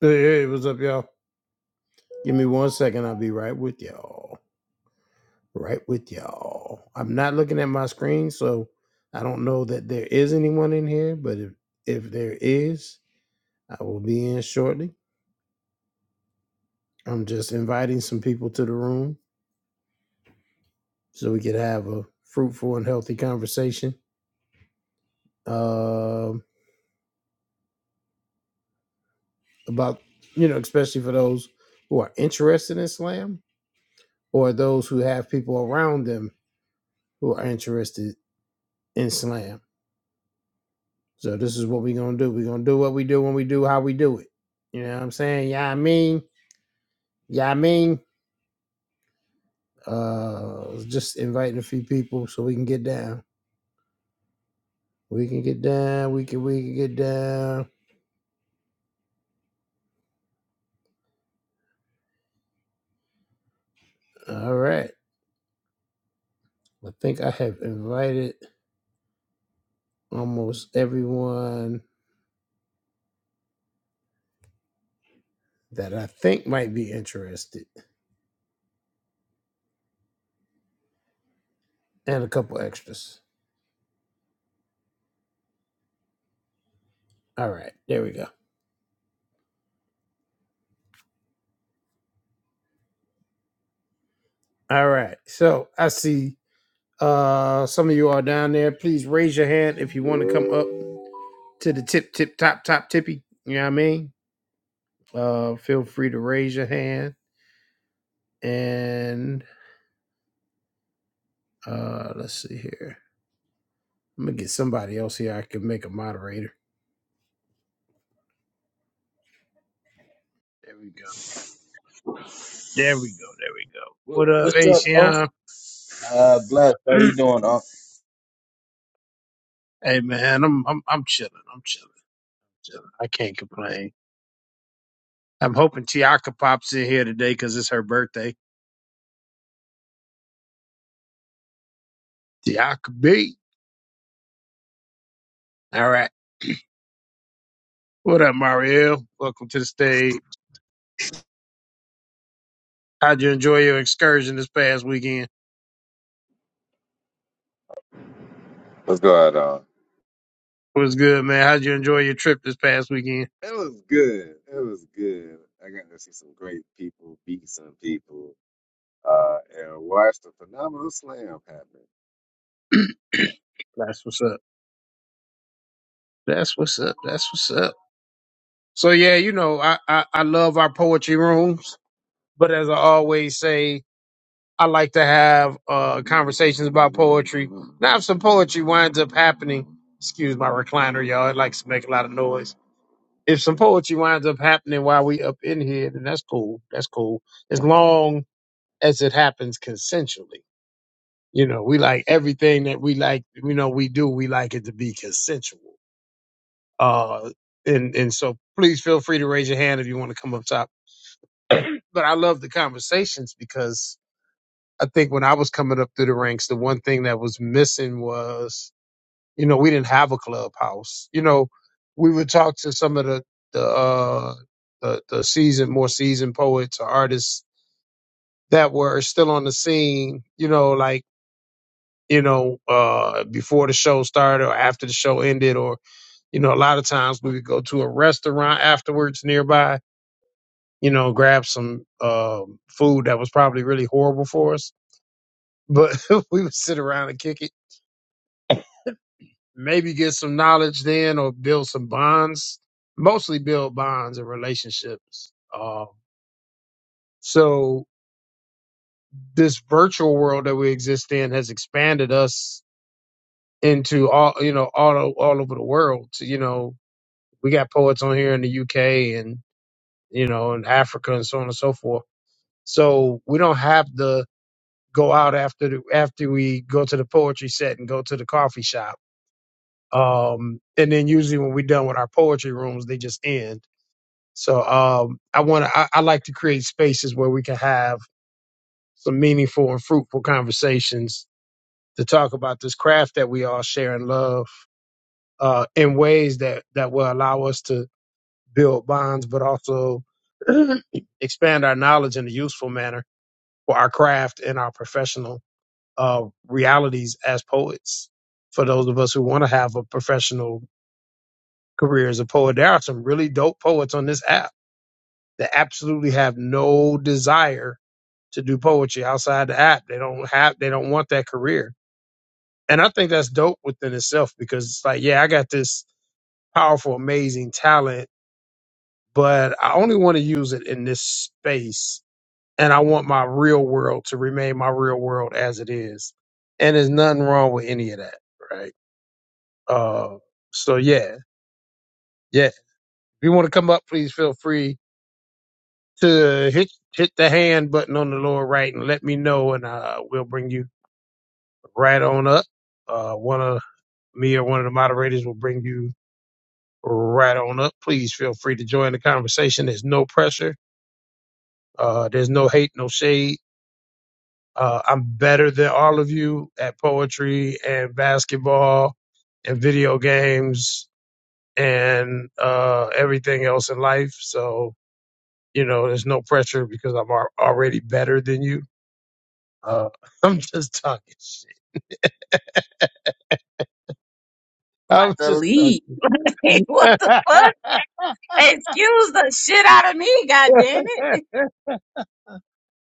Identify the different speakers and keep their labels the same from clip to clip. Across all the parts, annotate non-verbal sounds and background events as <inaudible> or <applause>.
Speaker 1: Hey, hey, what's up, y'all? Give me one second. I'll be right with y'all. Right with y'all. I'm not looking at my screen, so I don't know that there is anyone in here, but if, if there is, I will be in shortly. I'm just inviting some people to the room so we could have a fruitful and healthy conversation um, about, you know, especially for those who are interested in Slam or those who have people around them who are interested in Slam So this is what we're gonna do. We're gonna do what we do when we do how we do it. You know what I'm saying? Yeah, I mean, yeah, I mean. Uh just inviting a few people so we can get down. We can get down, we can we can get down. All right. I think I have invited almost everyone that I think might be interested. And a couple extras. All right, there we go. All right. So I see uh some of you are down there. Please raise your hand if you want to come up to the tip, tip, top, top, tippy. You know what I mean? Uh, feel free to raise your hand. And uh, let's see here. I'm gonna get somebody else here. I can make a moderator. There we go. There we go. There we go.
Speaker 2: Wha-
Speaker 1: What up,
Speaker 2: What's up, bro?
Speaker 1: ACM?
Speaker 2: Uh, blessed. How you
Speaker 1: <clears throat>
Speaker 2: doing, Unc?
Speaker 1: hey man, I'm I'm I'm chilling. I'm chilling. chilling. I can't complain. I'm hoping Tiaka pops in here today because it's her birthday. Tiaka B. All right. What up, Mariel? Welcome to the stage. How'd you enjoy your excursion this past weekend?
Speaker 3: What's going on?
Speaker 1: What's good, man? How'd you enjoy your trip this past weekend?
Speaker 3: It was good. It was good. I got to see some great people beat some people uh, and watch the phenomenal slam happen.
Speaker 1: That's what's up. That's what's up. That's what's up. So yeah, you know, I, I, I love our poetry rooms, but as I always say, I like to have uh conversations about poetry. Now if some poetry winds up happening, excuse my recliner, y'all, it likes to make a lot of noise. If some poetry winds up happening while we up in here, then that's cool. That's cool. As long as it happens consensually. You know, we like everything that we like, you know, we do, we like it to be consensual. Uh, and, and so please feel free to raise your hand if you want to come up top. <clears throat> But I love the conversations because I think when I was coming up through the ranks, the one thing that was missing was, you know, we didn't have a clubhouse. You know, we would talk to some of the, the, uh, the, the seasoned, more seasoned poets or artists that were still on the scene, you know, like, you know, uh, before the show started or after the show ended, or, you know, a lot of times we would go to a restaurant afterwards nearby, you know, grab some um food that was probably really horrible for us. But <laughs> we would sit around and kick it, maybe get some knowledge then or build some bonds, mostly build bonds and relationships. Um, so this virtual world that we exist in has expanded us into all, you know, all, all over the world to, you know, we got poets on here in the UK and you know in Africa and so on and so forth. So we don't have to go out after the, after we go to the poetry set and go to the coffee shop. Um, and then usually when we're done with our poetry rooms, they just end. So um, I want to I, I like to create spaces where we can have some meaningful and fruitful conversations to talk about this craft that we all share and love uh, in ways that that will allow us to build bonds, but also <clears throat> expand our knowledge in a useful manner for our craft and our professional uh, realities as poets. For those of us who want to have a professional career as a poet, there are some really dope poets on this app that absolutely have no desire to do poetry outside the app. They don't have, they don't want that career. And I think that's dope within itself because it's like, yeah, I got this powerful, amazing talent, but I only want to use it in this space and I want my real world to remain my real world as it is. And there's nothing wrong with any of that, right? Uh, so yeah, yeah. If you want to come up, please feel free to hit hit the hand button on the lower right and let me know, and uh, we'll bring you right on up. Uh, one of me or one of the moderators will bring you right on up. Please feel free to join the conversation. There's no pressure. Uh, there's no hate, no shade Uh, I'm better than all of you at poetry and basketball and video games and uh, everything else in life. So, you know, there's no pressure because I'm al- already better than you. Uh, <laughs> I'm just talking shit. I'm
Speaker 4: about to
Speaker 1: just
Speaker 4: leave.
Speaker 1: talking.
Speaker 4: <laughs> what the fuck?
Speaker 1: <laughs>
Speaker 4: Excuse the shit out of me, god damn it.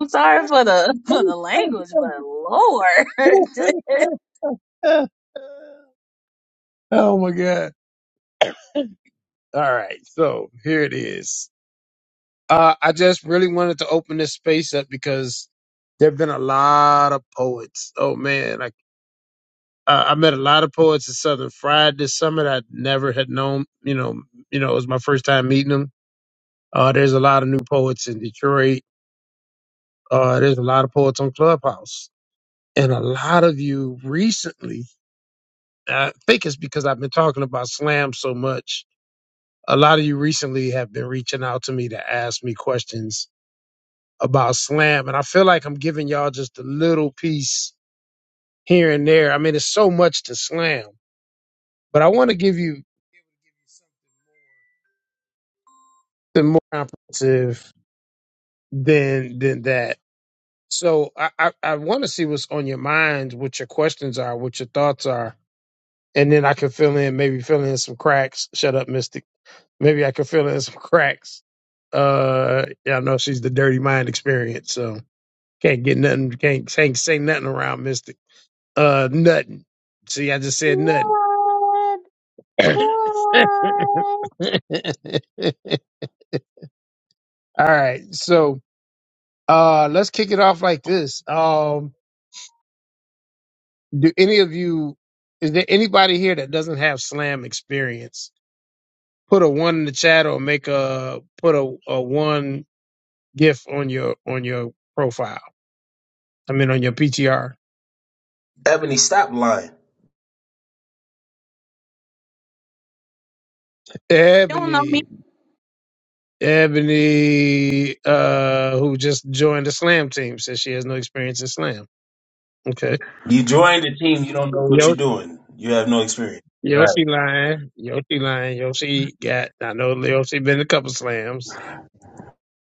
Speaker 4: I'm sorry for the <laughs> for the language, but Lord, <laughs> you
Speaker 1: oh my God. All right. So here it is. Uh, I just really wanted to open this space up because there have been a lot of poets. Oh man, like uh, I met a lot of poets at Southern Fried this summer that I never had known. You know, you know, it was my first time meeting them. Uh, there's a lot of new poets in Detroit. Uh, there's a lot of poets on Clubhouse, and a lot of you recently. I think it's because I've been talking about slam so much. A lot of you recently have been reaching out to me to ask me questions about slam. And I feel like I'm giving y'all just a little piece here and there. I mean, it's so much to slam, but I want to give you the more comprehensive than than that. So I, I, I want to see what's on your mind, what your questions are, what your thoughts are, and then I can fill in, maybe fill in some cracks. Shut up, Mystic. Maybe I can fill in some cracks. Uh, yeah, I know she's the dirty mind experience, so can't get nothing, can't, can't say nothing around Mystic. Uh, nothing. See, I just said nothing.
Speaker 5: What?
Speaker 1: All
Speaker 5: What?
Speaker 1: right. So uh let's kick it off like this. Um do any of you is there anybody here that doesn't have slam experience? Put a one in the chat or make a put a, a one gif on your on your profile. I mean on your PTR.
Speaker 2: Ebony, stop lying.
Speaker 4: don't know me.
Speaker 1: Ebony. Ebony uh who just joined the slam team says she has no experience in slam. Okay.
Speaker 2: You joined the team.
Speaker 5: I
Speaker 2: You don't
Speaker 5: mean,
Speaker 2: know what you're doing. You have no experience. Right.
Speaker 1: Yoshi lying. Yoshi lying. Yoshi got. I know Yoshi been a couple slams.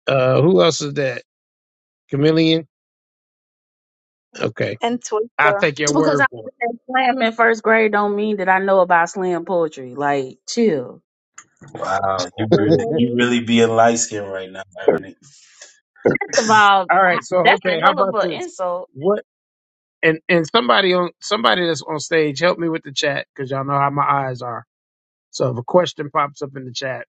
Speaker 1: Uh, who else is that? Chameleon. Okay, I'll take your
Speaker 4: Just because
Speaker 1: word
Speaker 4: I
Speaker 1: for
Speaker 4: was at slam in first grade don't mean that I know about slam poetry. Like, chill.
Speaker 2: Wow. You
Speaker 1: it.
Speaker 2: really, you really being light skinned right now, Ebony.
Speaker 4: First of all,
Speaker 1: <laughs> All
Speaker 4: I-
Speaker 1: right. So
Speaker 4: that's a
Speaker 1: okay, how
Speaker 4: hell of
Speaker 1: about
Speaker 4: an
Speaker 1: this?
Speaker 4: insult.
Speaker 1: What and and somebody on somebody that's on stage, help me with the chat because y'all know how my eyes are. So if a question pops up in the chat,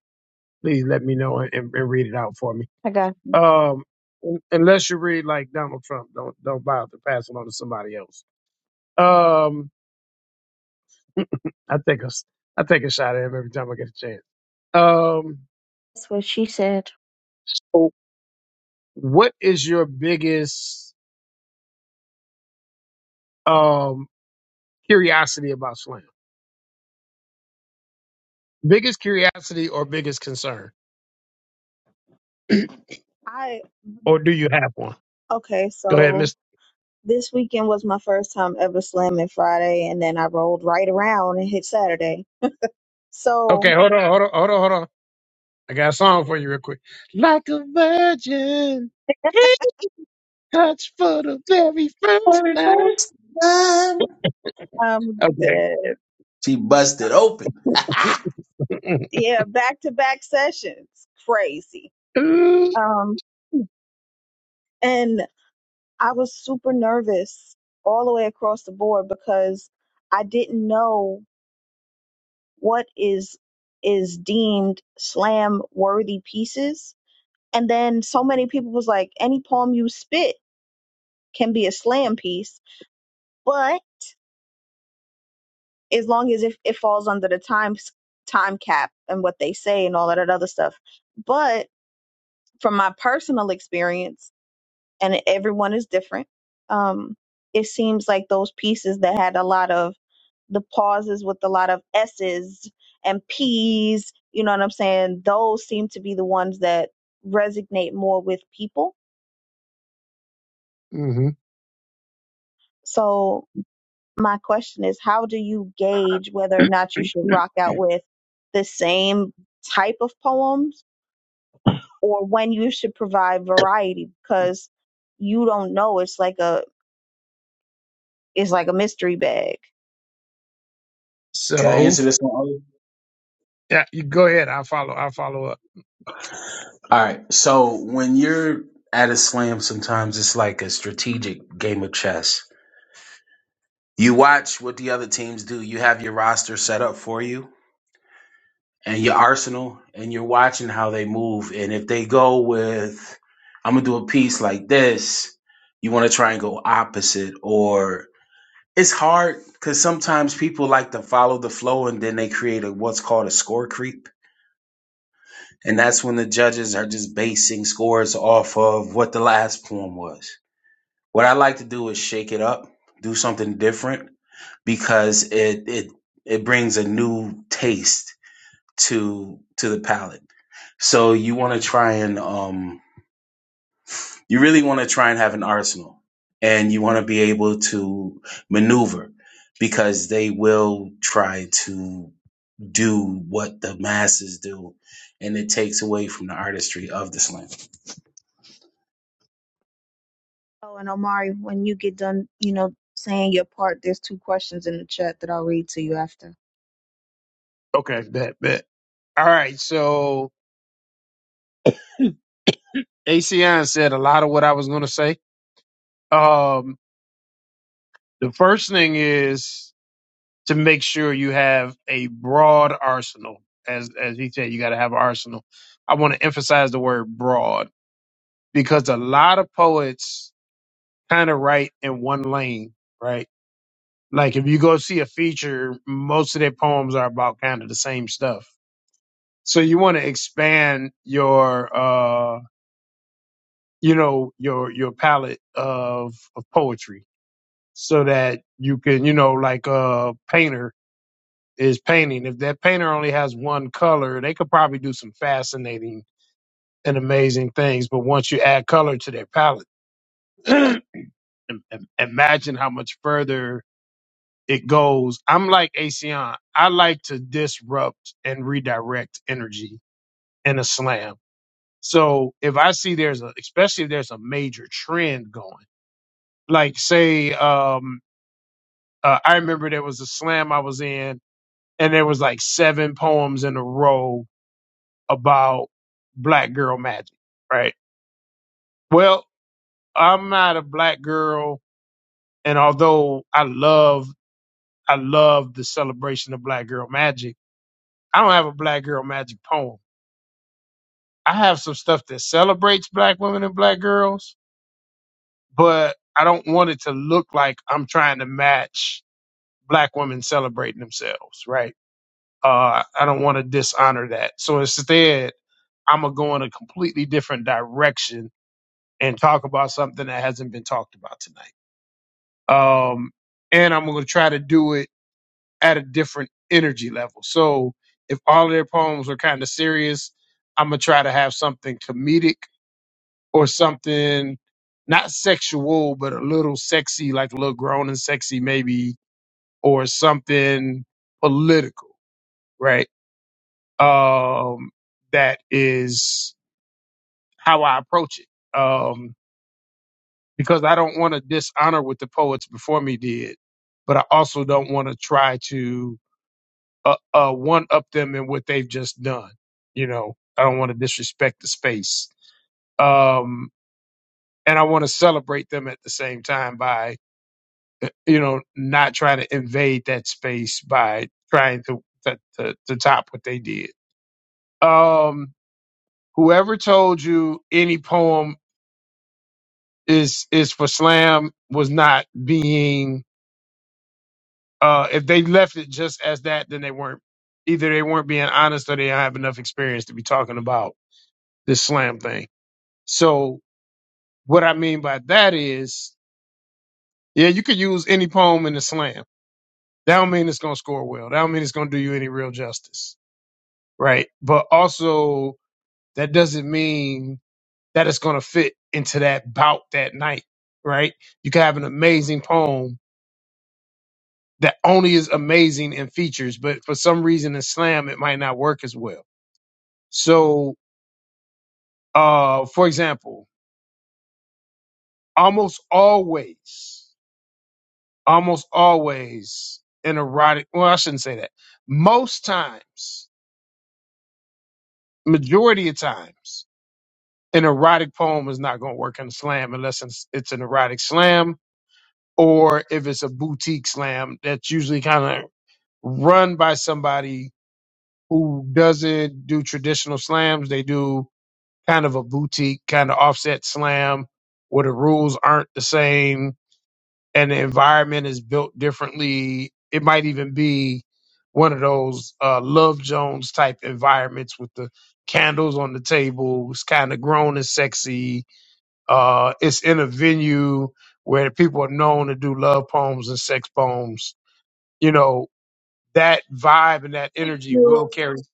Speaker 1: please let me know and, and, and read it out for me.
Speaker 5: I got
Speaker 1: Um, un- unless you read like Donald Trump, don't don't bother to pass it on to somebody else. Um. <laughs> I take a s- I take a shot at him every time I get a chance. Um,
Speaker 5: that's what she said.
Speaker 1: what is your biggest um curiosity about slam? Biggest curiosity or biggest concern, <clears throat>
Speaker 5: I
Speaker 1: or do you have one?
Speaker 5: okay.
Speaker 1: Go ahead,
Speaker 5: So
Speaker 1: Mister.
Speaker 5: this weekend was my first time ever slamming Friday, and then I rolled right around and hit Saturday. So
Speaker 1: Okay, hold on, hold on, hold on, hold on. I got a song for you real quick. Like a virgin, he touched for the very first
Speaker 2: Very
Speaker 1: time.
Speaker 2: first time.
Speaker 5: um,
Speaker 1: Okay.
Speaker 5: the-
Speaker 2: She busted open. <laughs>
Speaker 5: yeah, back to back sessions, crazy.
Speaker 1: <clears throat> <laughs>
Speaker 5: Um, and I was super nervous all the way across the board because I didn't know. what is is deemed slam worthy pieces and then so many people was like any poem you spit can be a slam piece but as long as if it falls under the time time cap and what they say and all that other stuff but from my personal experience and everyone is different. Um, it seems like those pieces that had a lot of the pauses with a lot of S's and P's, you know what I'm saying? Those seem to be the ones that resonate more with people.
Speaker 1: Mm-hmm.
Speaker 5: So, my question is how do you gauge whether or not you should rock out with the same type of poems or when you should provide variety because you don't know it's like a it's like a mystery bag
Speaker 2: Can I
Speaker 1: So
Speaker 2: answer this one? Owen?
Speaker 1: yeah, you go ahead. I'll follow. I'll follow up.
Speaker 2: All right. So when you're at a slam, sometimes it's like a strategic game of chess. You watch what the other teams do. You have your roster set up for you and your arsenal and you're watching how they move. And if they go with, I'm going to do a piece like this, you want to try and go opposite. Or it's hard because sometimes people like to follow the flow and then they create a, what's called a score creep. And that's when the judges are just basing scores off of what the last poem was. What I like to do is shake it up, do something different because it, it, it brings a new taste to to the palate. So you want to try and um, you really want to try and have an arsenal, and you want to be able to maneuver because they will try to do what the masses do, and it takes away from the artistry of the slam.
Speaker 5: Oh, and Omari, when you get done, you know, saying your part, there's two questions in the chat that I'll read to you after.
Speaker 1: Okay, bet, bet. All right, so ACN said a lot of what I was going to say. Um, the first thing is to make sure you have a broad arsenal. As as he said, you got to have an arsenal. I want to emphasize the word broad because a lot of poets kind of write in one lane, right? Like if you go see a feature, most of their poems are about kind of the same stuff. So you want to expand your uh, you know your your palette of of poetry so that you can you know like a painter is painting if that painter only has one color they could probably do some fascinating and amazing things but once you add color to their palette <clears throat> im- im- imagine how much further it goes i'm like asean i like to disrupt and redirect energy in a slam so if i see there's a especially if there's a major trend going like say um uh, I remember there was a slam I was in, and there was like seven poems in a row about black girl magic, right? Well, I'm not a black girl, and although I love I love the celebration of black girl magic, I don't have a black girl magic poem. I have some stuff that celebrates black women and black girls, but I don't want it to look like I'm trying to match black women celebrating themselves, right? Uh, I don't want to dishonor that. So instead, I'm gonna go in a completely different direction and talk about something that hasn't been talked about tonight. Um, and I'm gonna try to do it at a different energy level. So if all of their poems are kind of serious, I'm gonna try to have something comedic or something not sexual, but a little sexy, like a little grown and sexy maybe, or something political, right? Um, that is how I approach it. Um, because I don't want to dishonor what the poets before me did, but I also don't want to try to uh, uh, one up them in what they've just done. You know, I don't want to disrespect the space, um, and I want to celebrate them at the same time by, uh, you know, not trying to invade that space by trying to to, to, to top what they did. Um, whoever told you any poem is is for slam was not being Uh, if they left it just as that, then they weren't either they weren't being honest or they don't have enough experience to be talking about this slam thing. So what I mean by that is, yeah, you could use any poem in the slam. That don't mean it's gonna score well. That don't mean it's gonna do you any real justice, right? But also that doesn't mean that it's gonna fit into that bout that night, right? You could have an amazing poem that only is amazing in features, but for some reason in slam it might not work as well So, uh, for example, almost always, almost always an erotic, well, I shouldn't say that. Most times, majority of times, an erotic poem is not going to work in a slam unless it's, it's an erotic slam or if it's a boutique slam that's usually kind of run by somebody who doesn't do traditional slams. They do kind of a boutique, kind of offset slam where the rules aren't the same and the environment is built differently. It might even be one of those uh, Love Jones type environments with the candles on the table. It's kind of grown and sexy. Uh, it's in a venue where people are known to do love poems and sex poems. You know that vibe and that
Speaker 2: Thank
Speaker 1: energy will
Speaker 2: you.
Speaker 1: carry.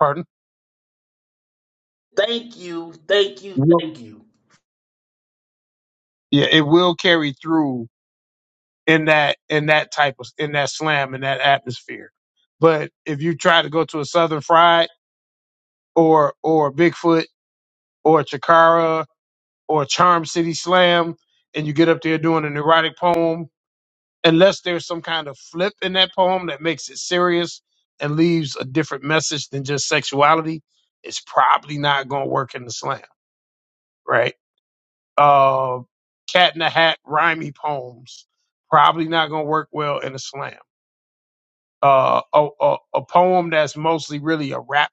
Speaker 1: Pardon?
Speaker 2: Thank you.
Speaker 1: Will,
Speaker 2: Thank you.
Speaker 1: yeah, it will carry through in that in that type of in that slam in that atmosphere. But if you try to go to a Southern fried or or Bigfoot or Chikara or Charm City Slam, and you get up there doing an erotic poem, unless there's some kind of flip in that poem that makes it serious and leaves a different message than just sexuality, it's probably not going to work in the slam, right? Uh, Cat in the Hat rhymey poems probably not going to work well in a slam. Uh, a, a, a poem that's mostly really a rap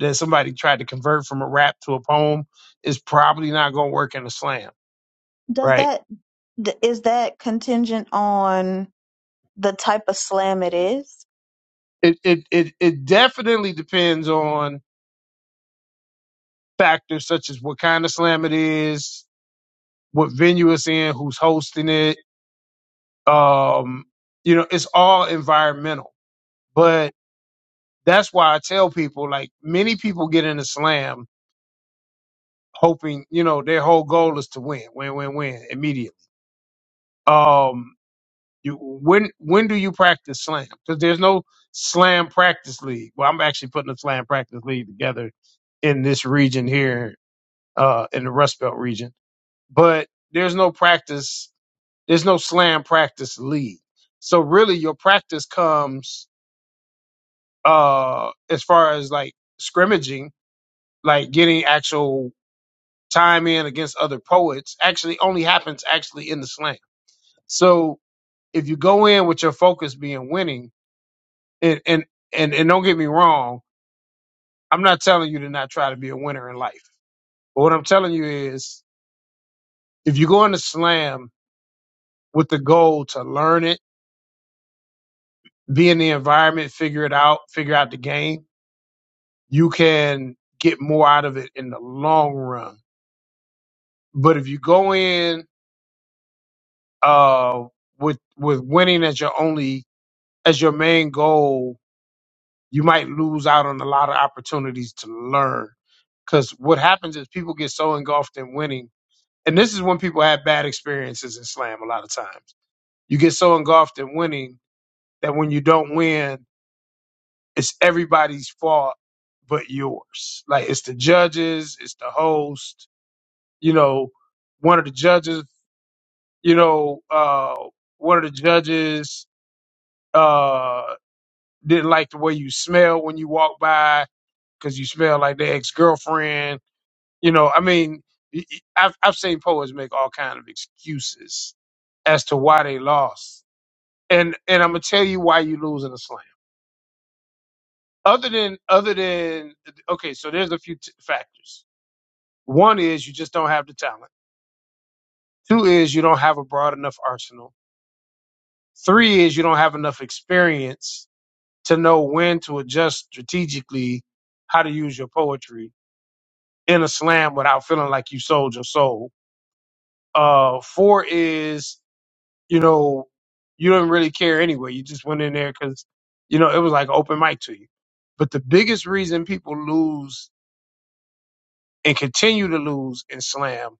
Speaker 1: that somebody tried to convert from a rap to a poem is probably not going to work in a slam,
Speaker 5: Does
Speaker 1: right?
Speaker 5: that th- is that contingent on the type of slam it is?
Speaker 1: It, it it it definitely depends on factors such as what kind of slam it is, what venue it's in, who's hosting it. Um, you know, it's all environmental. But that's why I tell people like many people get in a slam hoping, you know, their whole goal is to win, win, win, win immediately. Um, You when when do you practice slam? Because there's no slam practice league. Well, I'm actually putting a slam practice league together in this region here, uh, in the Rust Belt region. But there's no practice. There's no slam practice league. So really, your practice comes uh as far as like scrimmaging, like getting actual time in against other poets. Actually, only happens actually in the slam. So if you go in with your focus being winning and and and and don't get me wrong, I'm not telling you to not try to be a winner in life. But what I'm telling you is, if you go into slam with the goal to learn it, be in the environment, figure it out, figure out the game, you can get more out of it in the long run. But if you go in uh, with with winning as your only as your main goal, you might lose out on a lot of opportunities to learn. Because what happens is people get so engulfed in winning and this is when people have bad experiences in slam a lot of times you get so engulfed in winning that when you don't win it's everybody's fault but yours like it's the judges it's the host you know one of the judges you know uh one of the judges uh didn't like the way you smell when you walk by because you smell like their ex-girlfriend You know, I mean, y- y- I've, I've seen poets make all kind of excuses as to why they lost, and and I'm gonna tell you why you lose in a slam. Other than other than okay, so there's a few t- factors. One is you just don't have the talent. Two is you don't have a broad enough arsenal. Three is you don't have enough experience to know when to adjust strategically how to use your poetry in a slam without feeling like you sold your soul. Uh, four is you know, you didn't really care anyway. You just went in there because, you know, it was like open mic to you. But the biggest reason people lose and continue to lose in slam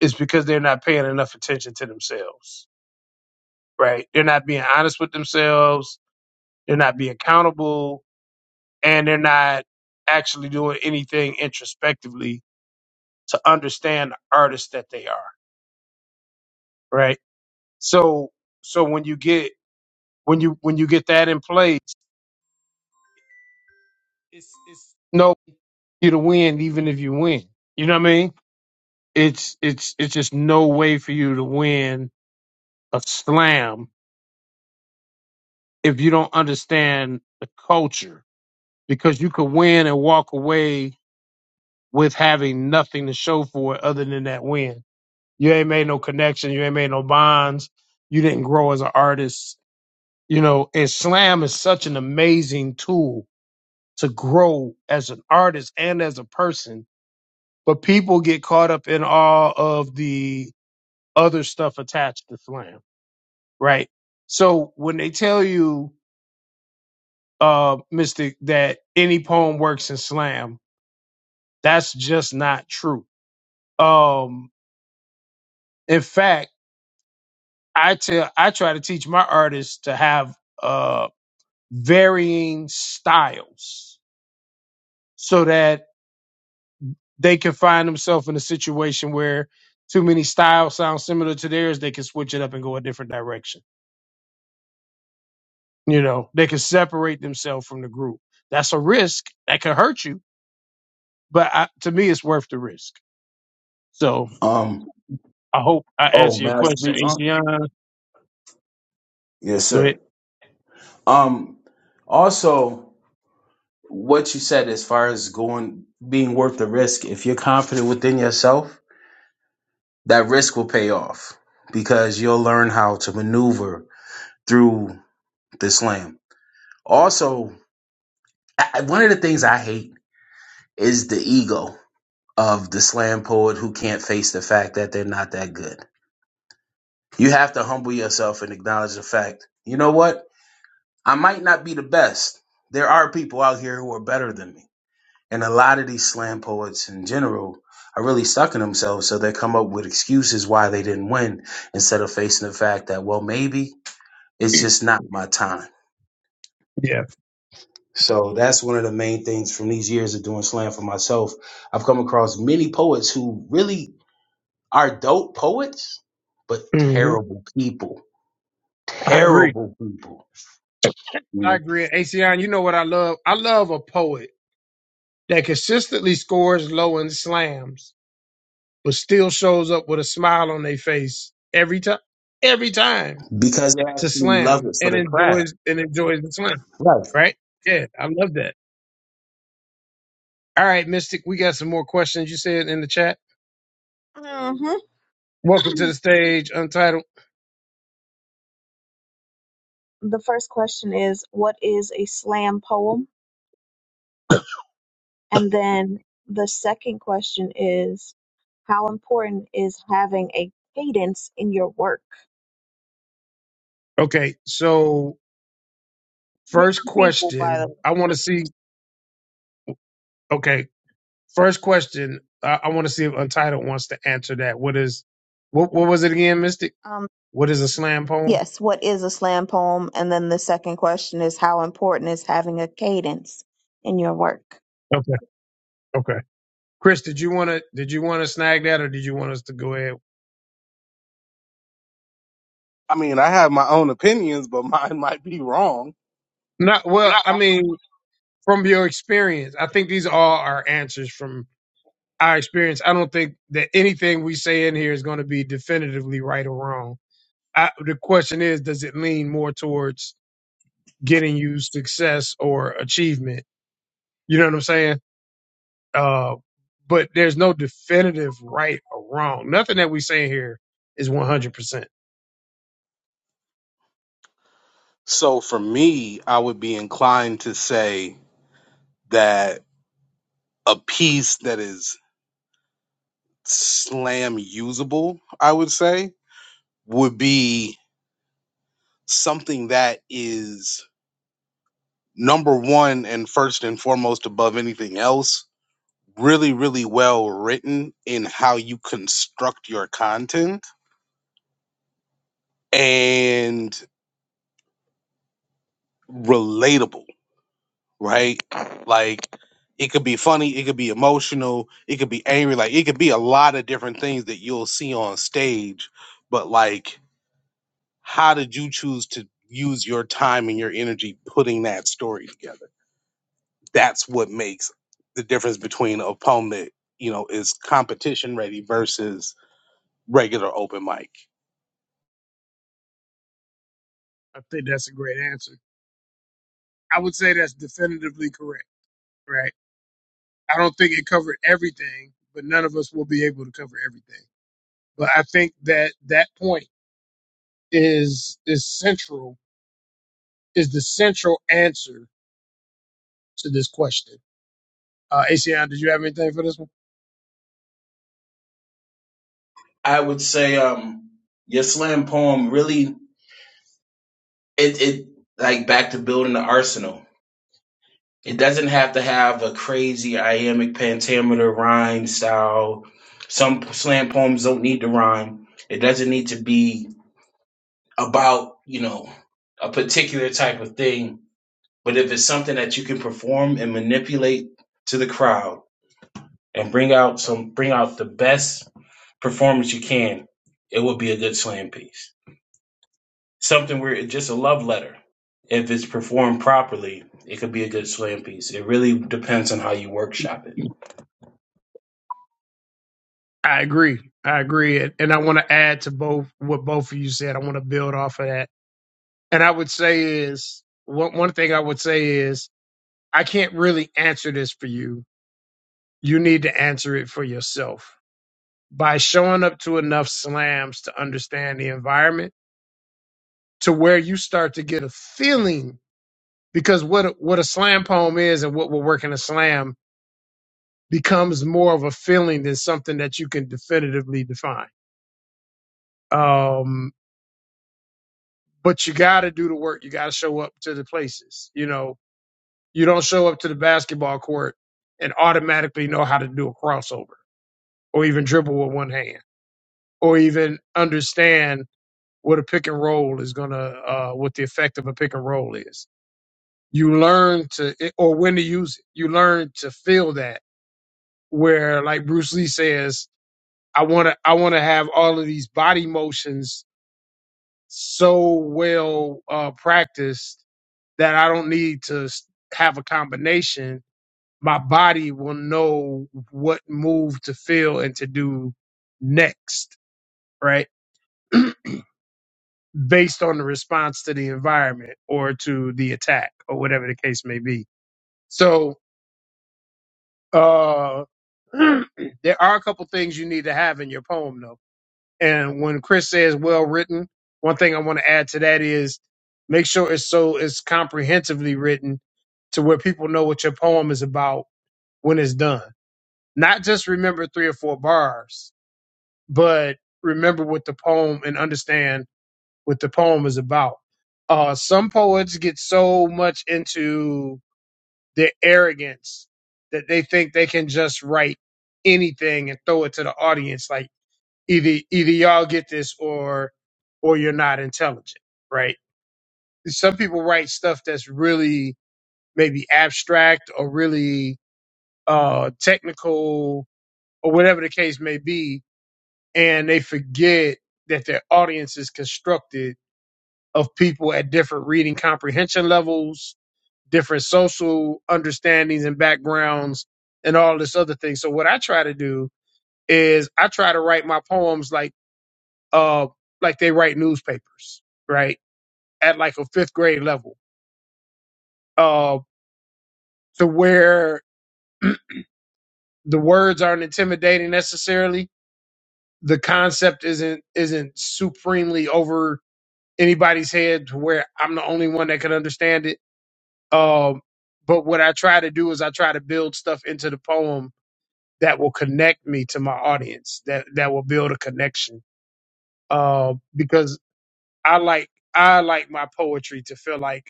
Speaker 1: is because they're not paying enough attention to themselves, right? They're not being honest with themselves. They're not being accountable and they're not actually doing anything introspectively to understand the artist that they are, right? So, so when you get, when you, when you get that in place, it's, it's, no. you to win even if you win. You know what I mean? It's it's it's just no way for you to win a slam if you don't understand the culture because you could win and walk away with having nothing to show for it other than that win. You ain't made no connection, you ain't made no bonds, you didn't grow as an artist. You know, and slam is such an amazing tool to grow as an artist and as a person. But people get caught up in all of the other stuff attached to slam, right? So when they tell you, uh, Mystic, that any poem works in slam, that's just not true. Um, in fact, I tell, I try to teach my artists to have uh varying styles so that they can find themselves in a situation where too many styles sound similar to theirs. They can switch it up and go a different direction. You know, they can separate themselves from the group. That's a risk that can hurt you but I, to me, it's worth the risk. So
Speaker 2: Um.
Speaker 1: I hope I
Speaker 2: Oh,
Speaker 1: answer
Speaker 2: may
Speaker 1: your
Speaker 2: I
Speaker 1: question,
Speaker 2: speak?
Speaker 1: Asian.
Speaker 2: Um. Yes,
Speaker 1: Go ahead.
Speaker 2: sir. Um. Also, what you said as far as going being worth the risk, if you're confident within yourself, that risk will pay off because you'll learn how to maneuver through the slam. Also, I, I- one of the things I hate is the ego of the slam poet who can't face the fact that they're not that good. You have to humble yourself and acknowledge the fact. You know what? I might not be the best. There are people out here who are better than me. And a lot of these slam poets in general are really stuck in themselves. So they come up with excuses why they didn't win instead of facing the fact that, well, maybe it's just not my time.
Speaker 1: Yeah,
Speaker 2: So that's one of the main things from these years of doing slam for myself. I've come across many poets who really are dope poets, but
Speaker 1: hmm
Speaker 2: terrible people.
Speaker 1: I agree.
Speaker 2: Terrible people. You
Speaker 1: I
Speaker 2: know,
Speaker 1: agree. ACN, you know what I love? I love a poet that consistently scores low and slams, but still shows up with a smile on their face every time, every time
Speaker 2: because they
Speaker 1: to
Speaker 2: actually love
Speaker 1: slam
Speaker 2: it for
Speaker 1: and
Speaker 2: the craft.
Speaker 1: enjoys and enjoys the slam.
Speaker 2: Right.
Speaker 1: Right? Yeah, I love that. All right, Mystic, we got some more questions you said in the chat.
Speaker 5: Mhm.
Speaker 1: Welcome to the stage, Untitled.
Speaker 5: the first question is, what is a slam poem? And then the second question is, how important is having a cadence in your work?
Speaker 1: Okay, so First
Speaker 5: Different people, by the
Speaker 1: question.
Speaker 5: way.
Speaker 1: I want to see. Okay. First question. I, I want to see if Untitled wants to answer that. What is, what, what was it again, Mystic?
Speaker 5: Um,
Speaker 1: What is a slam poem?
Speaker 5: Yes, what is a slam poem? And then the second question is how important is having a cadence in your work?
Speaker 1: Okay. Okay. Chris, did you want to, did you want to snag that or did you want us to go ahead?
Speaker 6: I mean, I have my own opinions, but <laughs> mine might be wrong.
Speaker 1: Not, well, I mean, from your experience, I think these all are answers from our experience. I don't think that anything we say in here is going to be definitively right or wrong. I, the question is, does it lean more towards getting you success or achievement? You know what I'm saying? Uh, but there's no definitive right or wrong. Nothing that we say here is 100%.
Speaker 6: So for me, I would be inclined to say that a piece that is slam usable, I would say, would be something that is number one and first and foremost above anything else, really, really well written in how you construct your content and relatable. right? Like it could be funny, it could be emotional, it could be angry, like it could be a lot of different things that you'll see on stage. But like, how did you choose to use your time and your energy putting that story together? That's what makes the difference between a poem that, you know, is competition ready versus regular open mic.
Speaker 1: I think that's a great answer. I would say that's definitively correct, right? I don't think it covered everything, but none of us will be able to cover everything. But I think that that point is is central, is the central answer to this question. Uh, ACN, did you have anything for this one?
Speaker 2: I would say um your slam poem really it it like back to building the arsenal. It doesn't have to have a crazy iambic pentameter rhyme style. Some slam poems don't need to rhyme. It doesn't need to be about, you know, a particular type of thing. But if it's something that you can perform and manipulate to the crowd and bring out some bring out the best performance you can, it would be a good slam piece. something where it's just a love letter. If it's performed properly, it could be a good slam piece. It really depends on how you workshop it.
Speaker 1: I agree. I agree. And and I want to add to both what both of you said. I want to build off of that And I would say is one one thing I would say is I can't really answer this for you. You need to answer it for yourself by showing up to enough slams to understand the environment to where you start to get a feeling because what a, what a slam poem is and what will work in a slam becomes more of a feeling than something that you can definitively define. Um, but you got to do the work. You got to show up to the places. You know, You don't show up to the basketball court and automatically know how to do a crossover or even dribble with one hand or even understand what a pick and roll is going to, uh, what the effect of a pick and roll is. You learn to, eh, or when to use it. You learn to feel that where like Bruce Lee says, I want to, I want to have all of these body motions so well uh, practiced that I don't need to have a combination my body will know what move to feel and to do next, right? <clears throat> Based on the response to the environment or to the attack or whatever the case may be. So, uh, <clears throat> there are a couple things you need to have in your poem though. And when Chris says well written, one thing I want to add to that is make sure it's so it's comprehensively written to where people know what your poem is about when it's done. Not just remember three or four bars but remember what the poem and understand what the poem is about. Uh, some poets get so much into their arrogance that they think they can just write anything and throw it to the audience. Like either either y'all get this or or you're not intelligent, right? Some people write stuff that's really maybe abstract or really uh, technical or whatever the case may be, and they forget that their audience is constructed of people at different reading comprehension levels, different social understandings and backgrounds, and all this other thing. So what I try to do is I try to write my poems like uh like they write newspapers, right? At like a fifth grade level. Uh to where the words aren't intimidating necessarily. The concept isn't isn't supremely over. anybody's head to where I'm the only one that can understand it. Um, but what I try to do is I try to build stuff into the poem that will connect me to my audience, that that will build a connection. Uh, because I like I like my poetry to feel like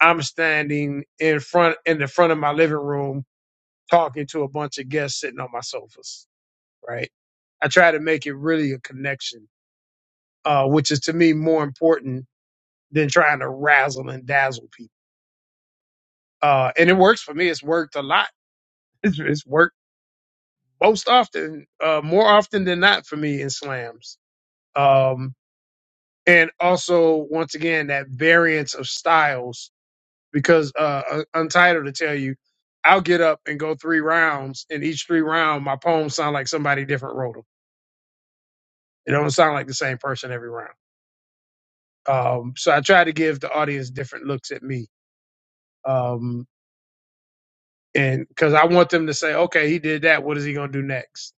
Speaker 1: I'm standing in front in the front of my living room talking to a bunch of guests sitting on my sofas, right? I try to make it really a connection, uh, which is to me more important than trying to razzle and dazzle people uh, and it works for me. It's worked a lot. It's, it's worked most often, uh, more often than not for me in slams. Um, and also, once again, that variance of styles because uh, Untitled to tell you, I'll get up and go three rounds, and each three round, my poems sound like somebody different wrote them. It don't sound like the same person every round. Um, so I try to give the audience different looks at me, um, and because I want them to say, "Okay, he did that. What is he gonna do next?"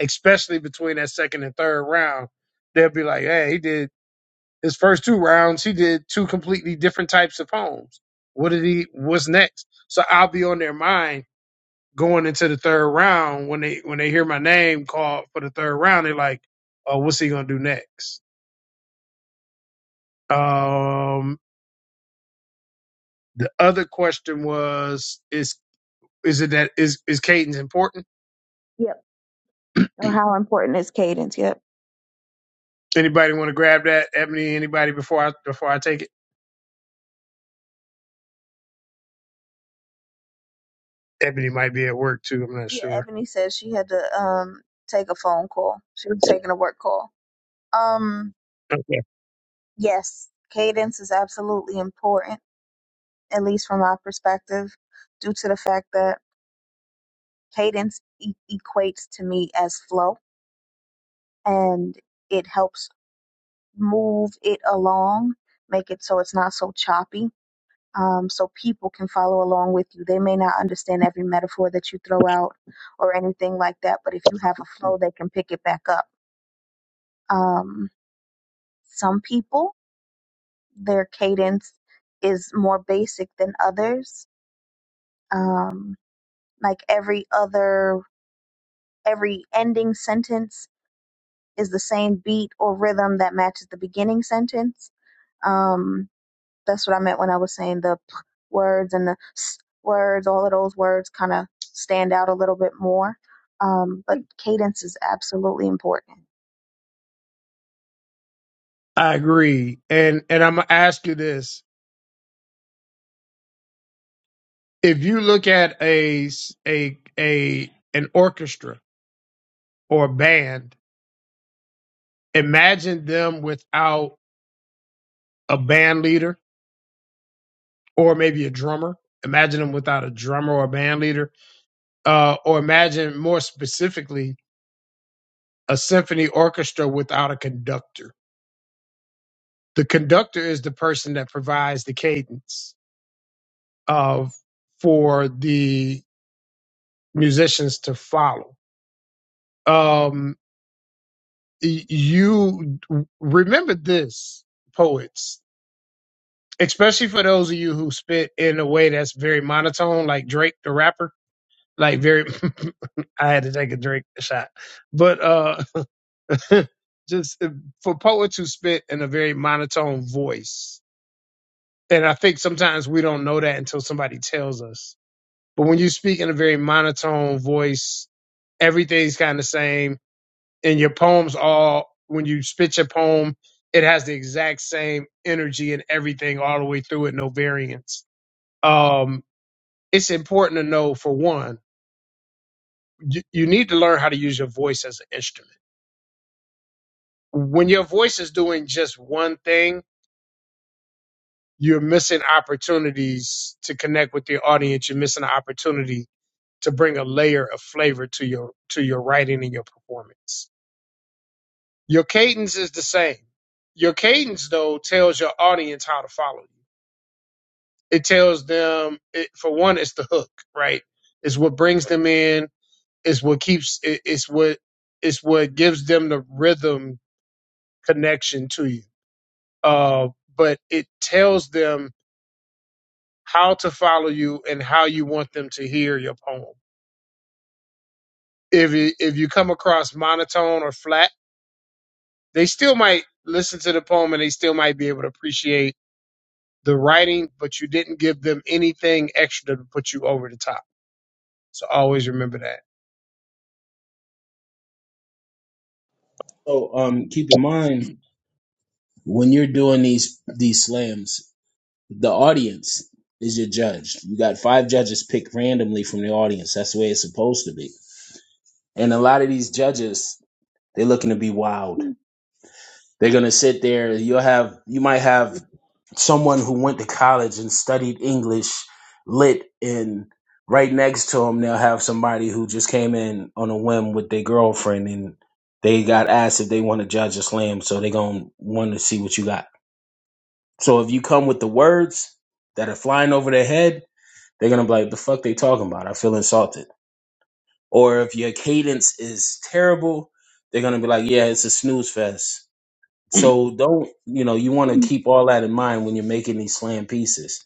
Speaker 1: especially between that second and third round, they'll be like, "Hey, he did his first two rounds. He did two completely different types of poems. What did he? What's next?" So I'll be on their mind going into the third round when they when they hear my name called for the third round. They're like, "Oh, what's he gonna do next?" Um, the other question was, "Is is it that is is Cadence important?"
Speaker 5: Yep. Or how important is cadence? Yep.
Speaker 1: Anybody want to grab that, Ebony? Anybody before I before I take it? Ebony might be at work too. I'm not
Speaker 5: Yeah,
Speaker 1: sure.
Speaker 5: Ebony said she had to um take a phone call. She was taking a work call. Um yes, cadence is absolutely important, at least from my perspective, due to the fact that cadence e- equates to me as flow and it helps move it along, make it so it's not so choppy um, so people can follow along with you. They may not understand every metaphor that you throw out or anything like that, but if you have a flow, they can pick it back up. Um, some people, their cadence is more basic than others. Um, like every other, every ending sentence is the same beat or rhythm that matches the beginning sentence. Um, That's what I meant when I was saying the p- words and the s words. All of those words kind of stand out a little bit more. Um, but cadence is absolutely important.
Speaker 1: I agree, and and I'm gonna ask you this: if you look at a s- a a an orchestra or a band, imagine them without a band leader or maybe a drummer. Imagine them without a drummer or a band leader, uh, or imagine more specifically a symphony orchestra without a conductor. The conductor is the person that provides the cadence of for the musicians to follow. Um, you remember this, poets, especially for those of you who spit in a way that's very monotone, like Drake the rapper. Like very, <laughs> I had to take a Drake shot, but uh, <laughs> just uh, for poets who spit in a very monotone voice, and I think sometimes we don't know that until somebody tells us. But when you speak in a very monotone voice, everything's kind of the same and your poems all when you spit your poem it has the exact same energy and everything all the way through it no variance um it's important to know for one you, you need to learn how to use your voice as an instrument when your voice is doing just one thing you're missing opportunities to connect with your audience you're missing an opportunity to bring a layer of flavor to your to your writing and your performance your cadence is the same your cadence though tells your audience how to follow you it tells them it, for one it's the hook right it's what brings them in it's what keeps it, it's what it's what gives them the rhythm connection to you uh, but it tells them how to follow you and how you want them to hear your poem if you, if you come across monotone or flat they still might listen to the poem and they still might be able to appreciate the writing but you didn't give them anything extra to put you over the top so always remember that
Speaker 2: So um, keep in mind when you're doing these these slams, The audience is your judge. You got five judges picked randomly from the audience. That's the way it's supposed to be. And a lot of these judges, they're looking to be wild. They're gonna sit there. You'll have you might have someone who went to college and studied English lit and right next to them they'll have somebody who just came in on a whim with their girlfriend and they got asked if they want to judge a slam so they going to want to see what you got so if you come with the words that are flying over their head They're gonna be like, the fuck they talking about? I feel insulted. Or if your cadence is terrible, they're gonna be like, yeah, it's a snooze fest. So don't, you know, you want to keep all that in mind when you're making these slam pieces.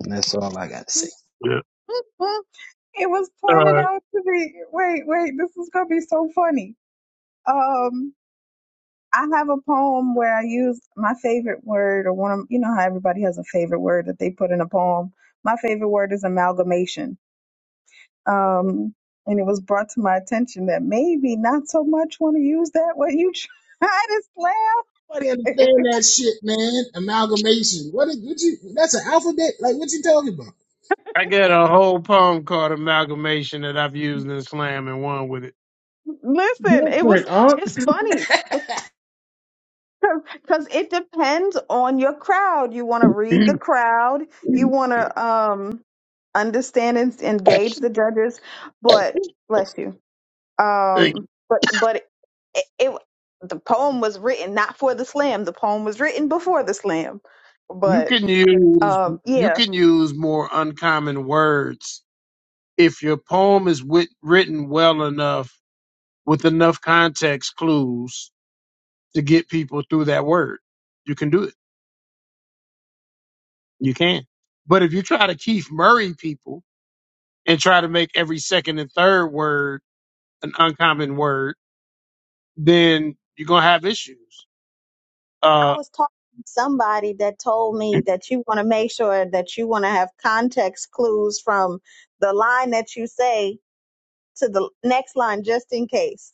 Speaker 2: And that's all I got to say.
Speaker 1: Yeah.
Speaker 5: <laughs> it was pointed
Speaker 1: Uh,
Speaker 5: out to me. Wait, wait, this is gonna be so funny. Um, I have a poem where I use my favorite word, or one of you know how everybody has a favorite word that they put in a poem. My favorite word is amalgamation um, and it was brought to my attention that maybe not so much want to use that when you <laughs> try to
Speaker 2: Nobody
Speaker 5: slap. <laughs>
Speaker 2: understand that shit, man. Amalgamation. What did what you that's an alphabet? Like what you talking about?
Speaker 1: I got a whole poem called Amalgamation that I've used in slam and won with it.
Speaker 5: Listen, it was
Speaker 2: Different, huh?
Speaker 5: it's funny because because it depends on your crowd. You want to read the crowd. You want to um understand and engage the judges, but bless you.
Speaker 1: Like,
Speaker 5: Um, but but it, it the poem was written not for the slam. The poem was written before the slam,
Speaker 1: You
Speaker 5: but
Speaker 1: can use
Speaker 5: um yeah
Speaker 1: you can use more uncommon words if your poem is wit- written well enough with enough context clues to get people through that word. You can do it. You can. But if you try to Keith Murray people and try to make every second and third word an uncommon word, then you're gonna have issues.
Speaker 5: I
Speaker 1: Uh,
Speaker 5: was talking to somebody that told me that you want to make sure that you want to have context clues from the line that you say to the next line just in case.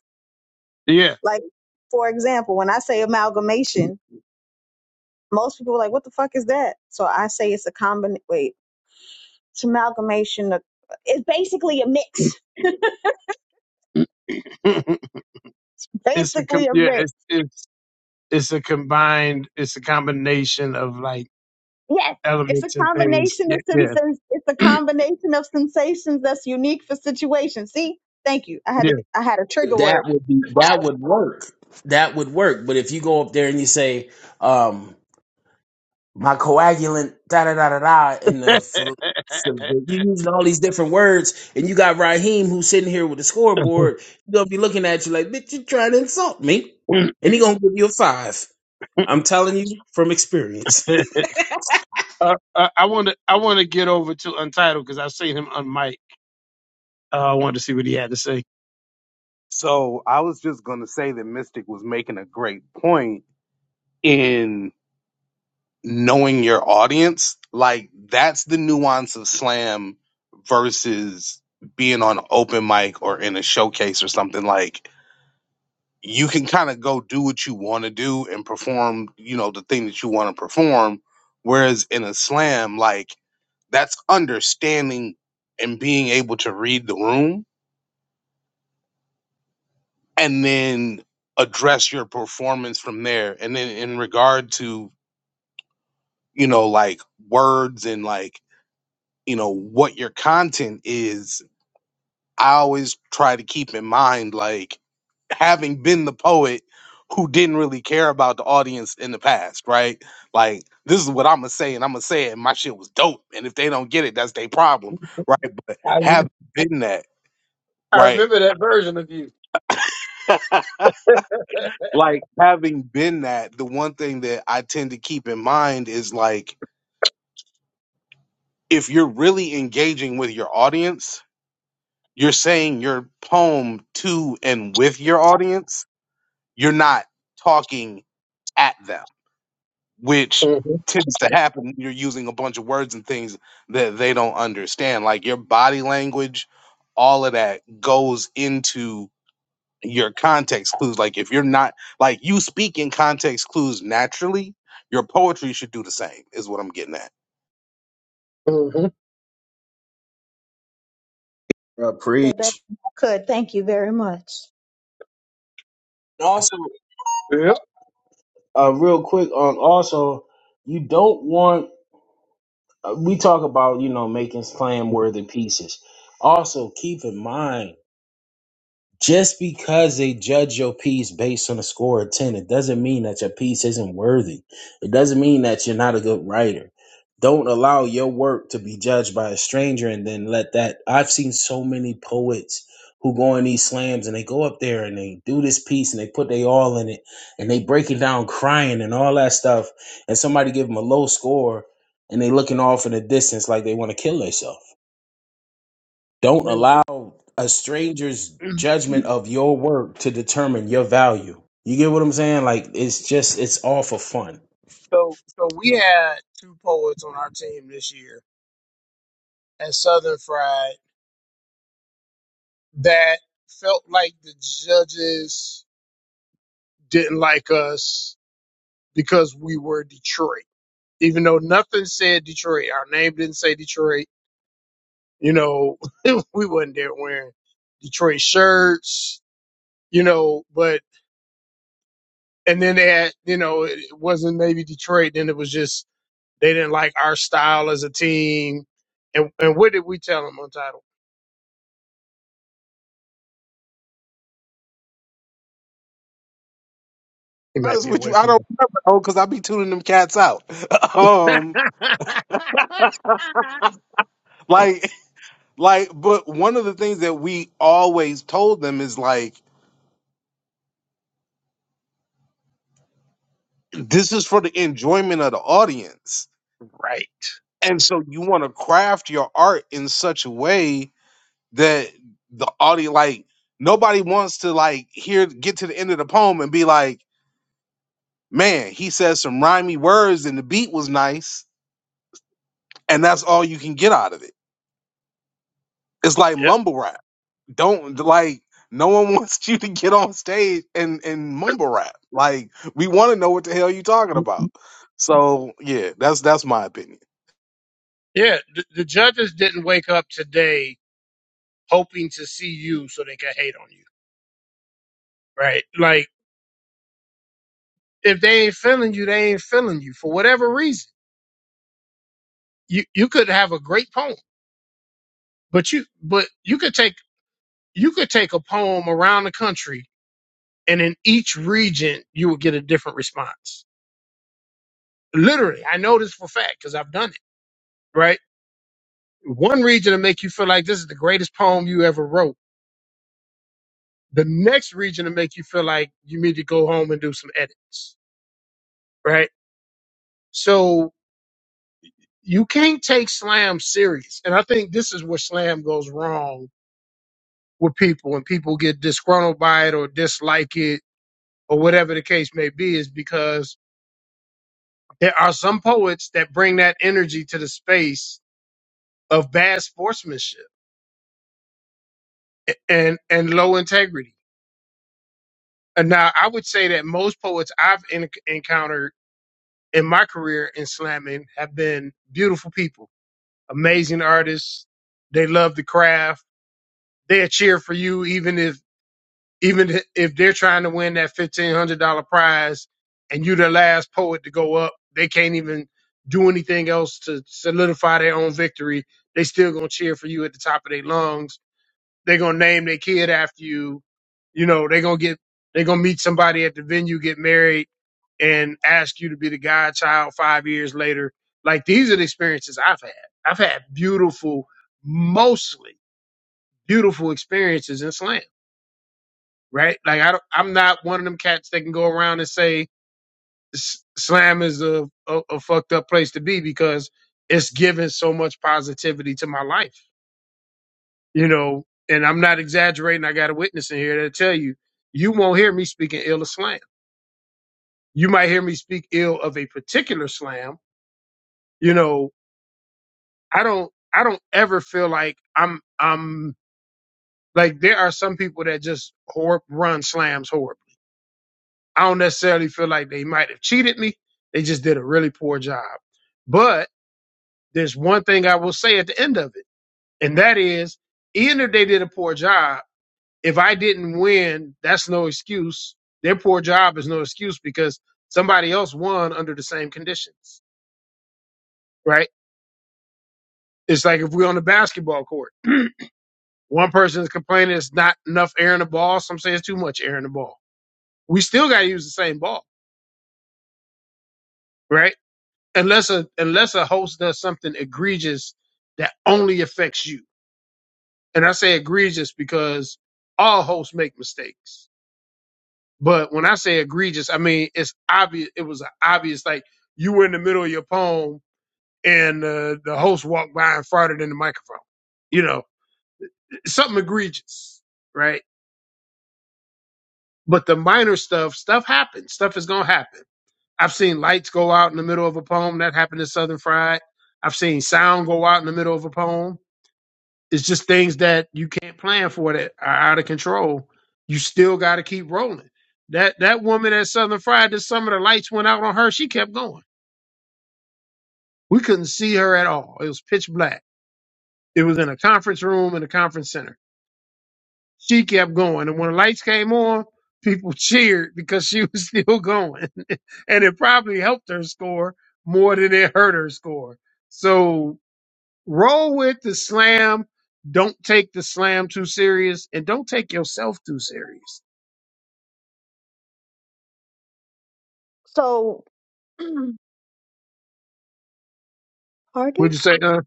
Speaker 1: <clears throat> yeah.
Speaker 5: Like, for example, when I say amalgamation, most people are like, what the fuck is that? So I say it's a combination, wait, it's amalgamation. Of, it's basically a mix,
Speaker 1: <laughs>
Speaker 5: <laughs>
Speaker 1: it's a
Speaker 5: basically
Speaker 1: com-
Speaker 5: a
Speaker 1: yeah,
Speaker 5: mix.
Speaker 1: it's it's it's a combined, it's a combination of like
Speaker 5: Yes. It's a
Speaker 1: elements and things.
Speaker 5: combination
Speaker 1: Yeah,
Speaker 5: of
Speaker 1: yeah,
Speaker 5: sensations. It's a combination of sensations that's unique for situations. See, thank you. I had a,
Speaker 1: yeah.
Speaker 5: I had a trigger word.
Speaker 2: That would be that would work. That would work. But if you go up there and you say, um. my coagulant, da da da da da, and the phil- you using all these different words, and you got Raheem who's sitting here with the scoreboard. He's gonna be looking at you like, bitch, you trying to insult me,
Speaker 1: <laughs>
Speaker 2: and he gonna give you a five. I'm telling you from experience. <laughs>
Speaker 1: uh, I, I want to I want to get over to Untitled because I've seen him on mic. Uh, I wanted to see what he had to say.
Speaker 6: So I was just gonna say that Mystic was making a great point in knowing your audience, like that's the nuance of slam versus being on open mic or in a showcase or something like you can kind of go do what you want to do and perform, you know, the thing that you want to perform. Whereas in a slam, like that's understanding and being able to read the room and then address your performance from there. And then in regard to, you know, like words and like you know what your content is i always try to keep in mind like having been the poet who didn't really care about the audience in the past right like this is what i'm gonna say and i'm gonna say it and my shit was dope and if they don't get it that's their problem right but
Speaker 1: I
Speaker 6: having been that
Speaker 1: I
Speaker 6: right
Speaker 1: remember that version of you.
Speaker 6: <laughs>
Speaker 1: <laughs>
Speaker 6: like having been that the one thing that i tend to keep in mind is like if you're really engaging with your audience you're saying your poem to and with your audience. You're not talking at them, which
Speaker 1: hmm
Speaker 6: tends to happen. You're using a bunch of words and things that they don't understand. Like your body language, all of that goes into your context clues. Like if you're not like you speak in context clues naturally, your poetry should do the same. Is what I'm getting at.
Speaker 1: hmm
Speaker 2: Uh,
Speaker 5: the better
Speaker 2: preach.
Speaker 5: I could. Thank you very much.
Speaker 2: also,
Speaker 1: Yep.
Speaker 2: uh, real quick on also, you don't want. Uh, we talk about you know making slam worthy pieces. Also, keep in mind Just because they judge your piece based on a score of 10, it doesn't mean that your piece isn't worthy. It doesn't mean that you're not a good writer. Don't allow your work to be judged by a stranger and then let that. I've seen so many poets who go on these slams and they go up there and they do this piece and they put they all in it and they break it down crying and all that stuff. And somebody give them a low score and they looking off in the distance like they want to kill themselves. Don't allow a stranger's judgment of your work to determine your value. You get what I'm saying? Like it's just it's all for fun.
Speaker 1: So, so we had two poets on our team this year at Southern Fried that felt like the judges. didn't like us because we were Detroit. Even though nothing said Detroit, our name didn't say Detroit, you know, <laughs> we wasn't there wearing Detroit shirts, you know, but, and then they had, you know, it it wasn't maybe Detroit, then it was just, they didn't like our style as a team. And, and what did we tell them on title? He might
Speaker 6: Honest
Speaker 1: be
Speaker 6: with
Speaker 1: away
Speaker 6: you, I
Speaker 1: from
Speaker 6: don't
Speaker 1: you.
Speaker 6: remember oh, because I be tuning them cats out. <laughs>
Speaker 1: <laughs>
Speaker 6: um, like Like, but one of the things that we always told them is like, this is for the enjoyment of the audience.
Speaker 1: right.
Speaker 6: And so you want to craft your art in such a way that the audience, like, nobody wants to like hear, get to the end of the poem and be like, man, he says some rhymey words and the beat was nice. And that's all you can get out of it. It's like
Speaker 1: Yep.
Speaker 6: mumble rap. don't like no one <laughs> wants you to get on stage and and mumble rap like we want to know what the hell you talking about so yeah that's that's my opinion
Speaker 1: Yeah. The, the judges didn't wake up today hoping to see you so they can hate on you, right? Like if they ain't feeling you, they ain't feeling you for whatever reason. You you could have a great poem, but you but you could take you could take a poem around the country, and in each region you would get a different response. Literally, I know this for a fact because I've done it. Right, one region to make you feel like this is the greatest poem you ever wrote. The next region to make you feel like you need to go home and do some edits. Right, so you can't take slam serious. And I think this is where slam goes wrong with people and people get disgruntled by it or dislike it or whatever the case may be is because there are some poets that bring that energy to the space of bad sportsmanship and and low integrity. And now I would say that most poets I've en- encountered in my career in slamming have been beautiful people, amazing artists. They love the craft they'll cheer for you even if Even if they're trying to win that fifteen hundred dollar prize, and you're the last poet to go up, they can't even do anything else to solidify their own victory. They still gonna cheer for you at the top of their lungs. They're gonna name their kid after you. You know, they're gonna get they're gonna meet somebody at the venue, get married, and ask you to be the godchild five years later. Like these are the experiences I've had. I've had beautiful, mostly beautiful experiences in slam right? Like I don't, I'm not one of them cats that can go around and say S- slam is a, a a fucked up place to be because it's given so much positivity to my life, you know. And I'm not exaggerating. I got a witness in here that'll tell you, you won't hear me speaking ill of slam. You might hear me speak ill of a particular slam. You know, I don't, I don't ever feel like I'm, I'm like there are some people that just hor run slams horribly I don't necessarily feel like they might have cheated me. They just did a really poor job. But there's one thing I will say at the end of it, and that is, even if they did a poor job, if I didn't win, that's no excuse. Their poor job is no excuse because somebody else won under the same conditions, right? It's like if we're on the basketball court, one person is complaining it's not enough air in the ball. Some say it's too much air in the ball. We still got to use the same ball, right? unless a unless a host does something egregious that only affects you. And I say egregious because all hosts make mistakes. But when I say egregious, I mean it's obvious. It was obvious, like you were in the middle of your poem and uh, the host walked by and farted in the microphone. You know, something egregious, right? But the minor stuff, stuff happens. Stuff is gonna happen. I've seen lights go out in the middle of a poem. That happened in Southern Fried. I've seen sound go out in the middle of a poem. It's just things that you can't plan for that are out of control. You still got to keep rolling. That that woman at Southern Fried, this summer the lights went out on her. She kept going. We couldn't see her at all. It was pitch black. It was in a conference room in a conference center. She kept going, and when the lights came on, people <laughs> cheered because she was <laughs> still going, <laughs> and it probably helped her score more than it hurt her score. So Roll with the slam. Don't take the slam too serious, and don't take yourself too serious.
Speaker 5: So, <clears throat> pardon?
Speaker 1: Would you say, uh,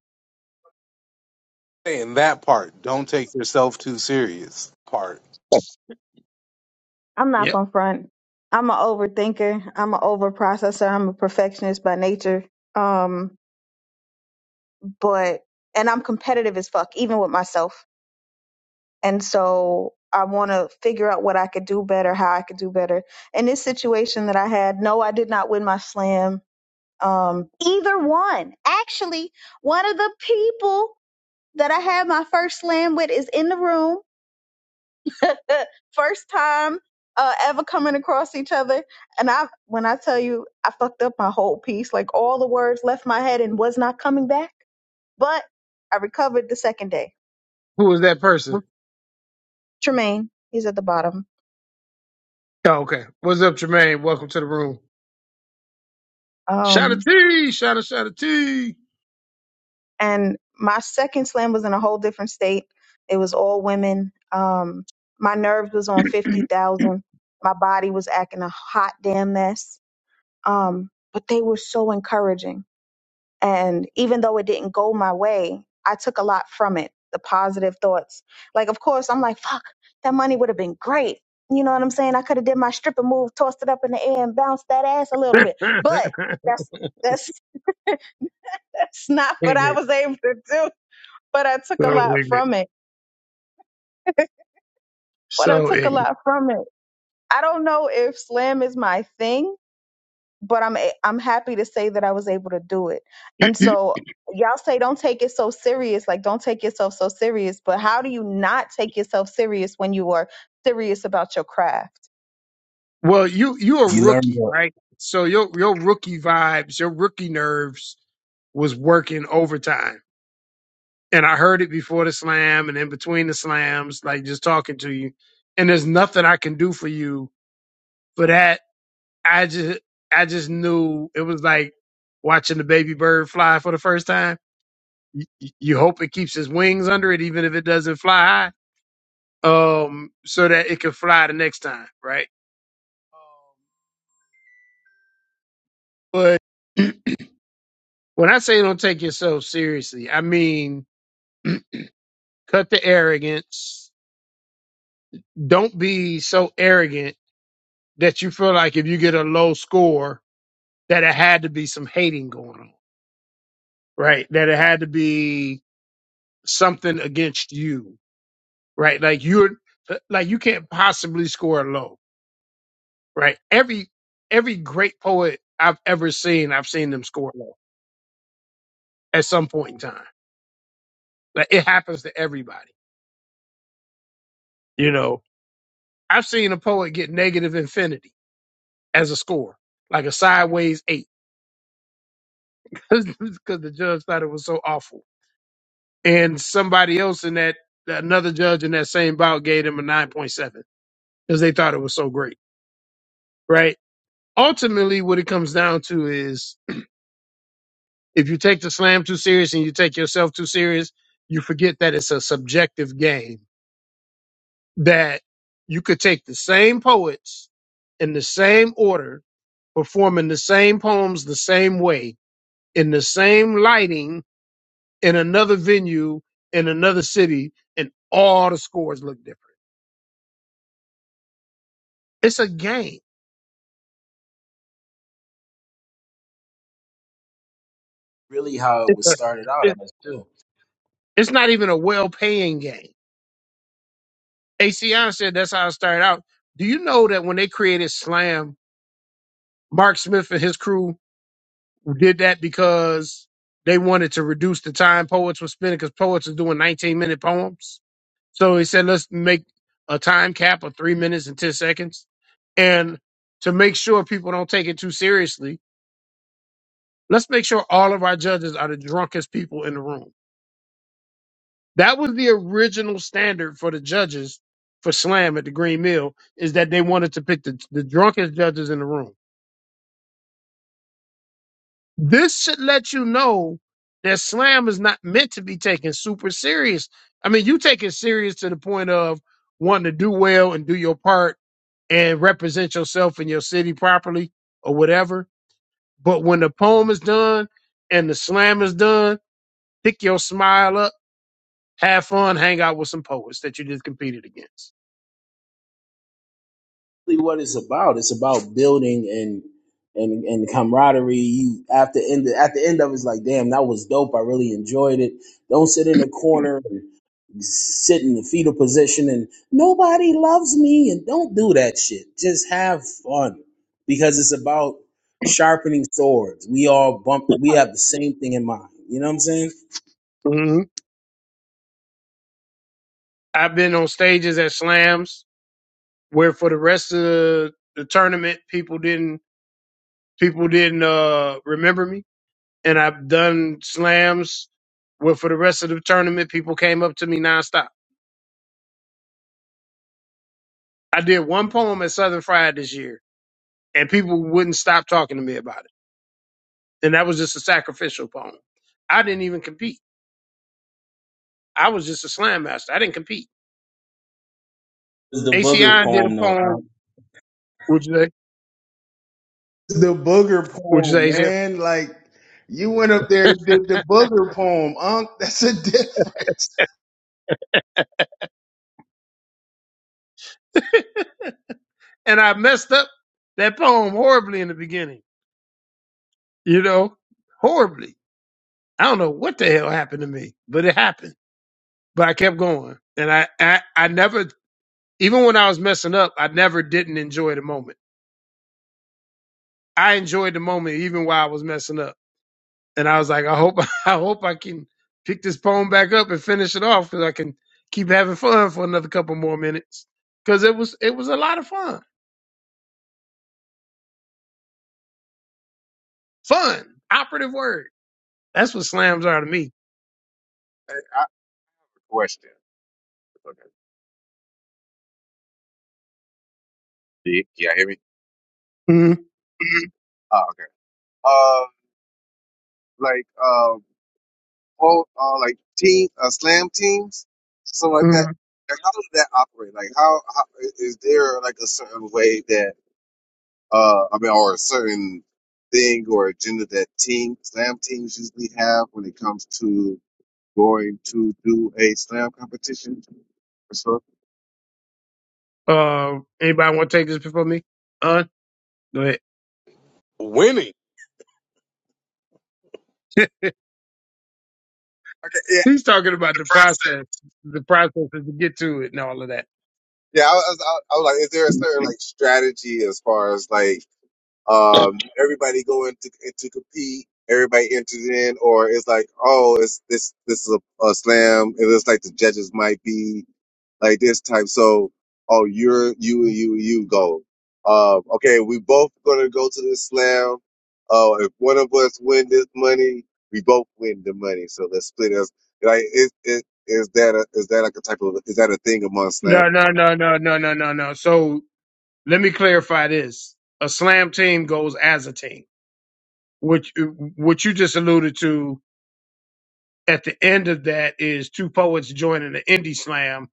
Speaker 6: and that part don't take yourself too serious part
Speaker 5: I'm not
Speaker 1: yeah?
Speaker 5: going to front. I'm an overthinker. I'm an overprocessor. I'm a perfectionist by nature. Um, but and I'm competitive as fuck, even with myself. And so I want to figure out what I could do better, how I could do better. In this situation that I had, no, I did not win my slam. Um, either one. Actually, one of the people that I had my first slam with is in the room <laughs> First time uh, ever coming across each other, and I when I tell you I fucked up my whole piece, like all the words left my head and was not coming back. But I recovered the second day.
Speaker 1: Who was that person?
Speaker 5: Tremaine, he's at the bottom.
Speaker 1: Oh, okay. What's up, Jermaine? Welcome to the room. Shout out
Speaker 5: Um,
Speaker 1: T, shout out, shout out T.
Speaker 5: and my second slam was in a whole different state. It was all women. Um, my nerves was on fifty thousand. My body was acting a hot damn mess. Um, but they were so encouraging And even though it didn't go my way, I took a lot from it. The positive thoughts. Like, of course, I'm like, fuck, that money would have been great. You know what I'm saying? I could have did my stripper move, tossed it up in the air and bounced that ass a little bit.
Speaker 1: <laughs>
Speaker 5: But that's that's <laughs> that's not what I
Speaker 1: ignorant,
Speaker 5: was able to do. But I took a
Speaker 1: so
Speaker 5: lot
Speaker 1: ignorant,
Speaker 5: from it. But I
Speaker 1: so
Speaker 5: took a
Speaker 1: ignorant.
Speaker 5: lot from it. I don't know if slam is my thing but I'm a- I'm happy to say that I was able to do it. And so y'all say don't take it so serious, like don't take yourself so serious, but how do you not take yourself serious when you are serious about your craft?
Speaker 1: Well, you you're a
Speaker 2: You learn
Speaker 1: rookie,
Speaker 2: that
Speaker 1: right? So your your rookie vibes, your rookie nerves was working overtime. and I heard it before the slam and in between the slams, like just talking to you. And there's nothing I can do for you for that. I just, I just knew it was like watching the baby bird fly for the first time. You, you hope it keeps its wings under it, even if it doesn't fly high, um, so that it can fly the next time, right? Um, But when I say don't take yourself seriously, I mean cut the arrogance. Don't be so arrogant that you feel like if you get a low score that it had to be some hating going on, right? That it had to be something against you, right? Like you're like you can't possibly score low, right? Every every great poet I've ever seen, I've seen them score low at some point in time. Like it happens to everybody. You know, I've seen a poet get negative infinity as a score, like a sideways eight, <laughs> because the judge thought it was so awful, and somebody else in that another judge in that same bout gave him a nine point seven because they thought it was so great, right? Ultimately, what it comes down to is if you take the slam too serious and you take yourself too serious, you forget that it's a subjective game that you could take the same poets in the same order, performing the same poems the same way, in the same lighting, in another venue, in another city, and all the scores look different. It's a game.
Speaker 2: really how it
Speaker 1: It's,
Speaker 2: was
Speaker 1: a,
Speaker 2: started out
Speaker 1: it-
Speaker 2: as too.
Speaker 1: it's not even a well paying game ACN said that's how it started out. Do you know that when they created Slam, Mark Smith and his crew did that because they wanted to reduce the time poets were spending because poets are doing 19 minute poems. So he said, let's make a time cap of three minutes and 10 seconds. And to make sure people don't take it too seriously, let's make sure all of our judges are the drunkest people in the room That was the original standard for the judges for slam at the Green Mill is that they wanted to pick the, the drunkest judges in the room. This should let you know that slam is not meant to be taken super serious. I mean, you take it serious to the point of wanting to do well and do your part and represent yourself in your city properly or whatever. But when the poem is done and the slam is done, pick your smile up, have fun, hang out with some poets that you just competed against.
Speaker 2: Really what it's about. It's about building and and and camaraderie. You after end at the end of it's like, damn, that was dope. I really enjoyed it. Don't sit in the corner sit in the fetal position and nobody loves me and don't do that shit. Just have fun because it's about sharpening swords. We all bumped it. We have the same thing in mind. You know what I'm saying?
Speaker 1: I've been on stages at slams where for the rest of the, the tournament people didn't people didn't uh remember me. And I've done slams where for the rest of the tournament people came up to me nonstop. I did one poem at Southern Fried this year and people wouldn't stop talking to me about it. And that was just a sacrificial poem. I didn't even compete. I was just a slam master. I didn't compete.
Speaker 2: It's the booger
Speaker 1: ACI did a
Speaker 2: poem though.
Speaker 1: poem, would you say?
Speaker 2: The booger
Speaker 1: Would you
Speaker 2: poem,
Speaker 1: say ACI?
Speaker 2: man. Like you went up there and did the booger poem, Unc. <laughs> That's a difference.
Speaker 1: And I messed up that poem horribly in the beginning you know, horribly. I don't know what the hell happened to me, but it happened. But I kept going, and I, I, I never, even when I was messing up, I never didn't enjoy the moment. I enjoyed the moment even while I was messing up, and I was like, I hope, <laughs> I hope I can pick this poem back up and finish it off because I can keep having fun for another couple more minutes because it was, it was a lot of fun. Fun, operative word. That's what slams are to me.
Speaker 3: Hey, I, question. Okay. Do you, can y'all hear me?
Speaker 1: Mm-hmm.
Speaker 3: <clears throat> oh, okay. Uh, like, uh, whole, uh, like team, uh, slam teams, something like that. Like, how does that operate? Like, how, how i- is there like a certain way that uh, I mean, or a certain thing or agenda that team slam teams usually have when it comes to going to do a slam competition. So,
Speaker 1: Uh, anybody want to take this before me? Uh, go ahead.
Speaker 6: winning
Speaker 3: okay, yeah,
Speaker 1: He's talking about
Speaker 3: the
Speaker 1: the
Speaker 3: process.
Speaker 1: process, the process to get to it and all of that.
Speaker 3: Yeah, I was, I was I was like, is there a certain like strategy as far as like Um, everybody going to to compete. Everybody enters in, or it's like, oh, it's this this is a, a slam. It looks like the judges might be like this type. So, oh, you're you and you and you go. Um, okay, we both gonna go to this slam. Oh, if one of us win this money, we both win the money. So let's split us. Like, is it is that a, is that like a type of is that a thing among slams?
Speaker 1: No, no, no, no, no, no, no, no. So let me clarify this. A slam team goes as a team, which what you just alluded to at the end of that is two poets joining the indie slam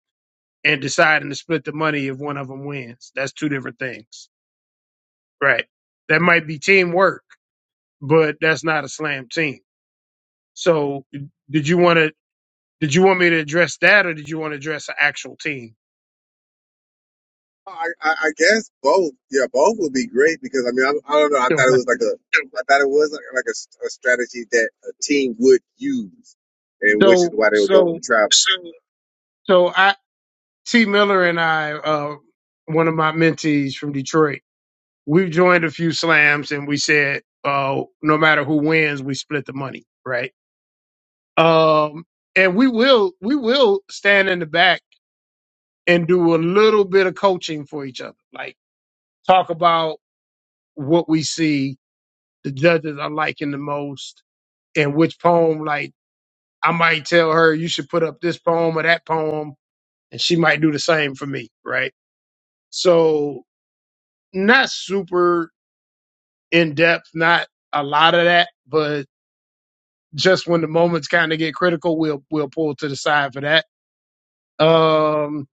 Speaker 1: and deciding to split the money if one of them wins. That's two different things. Right. That might be teamwork, but that's not a slam team. So did you want to did you want me to address that or did you want to address an actual team?
Speaker 3: I, I, I guess both. Yeah, both would be great because I mean, I, I don't know. I thought it was like a, I thought it was like, like a, s- a strategy that a team would use, and which is
Speaker 1: So
Speaker 3: why they were going
Speaker 1: so
Speaker 3: to travel.
Speaker 1: so I T Miller and I, uh, one of my mentees from Detroit, we've joined a few slams and we said, uh, no matter who wins, we split the money, right? Um, and we will we will stand in the back and do a little bit of coaching for each other, like talk about what we see the judges are liking the most and which poem like I might tell her you should put up this poem or that poem and she might do the same for me, right? So not super in depth, not a lot of that, but just when the moments kind of get critical, we'll we'll pull to the side for that. Um,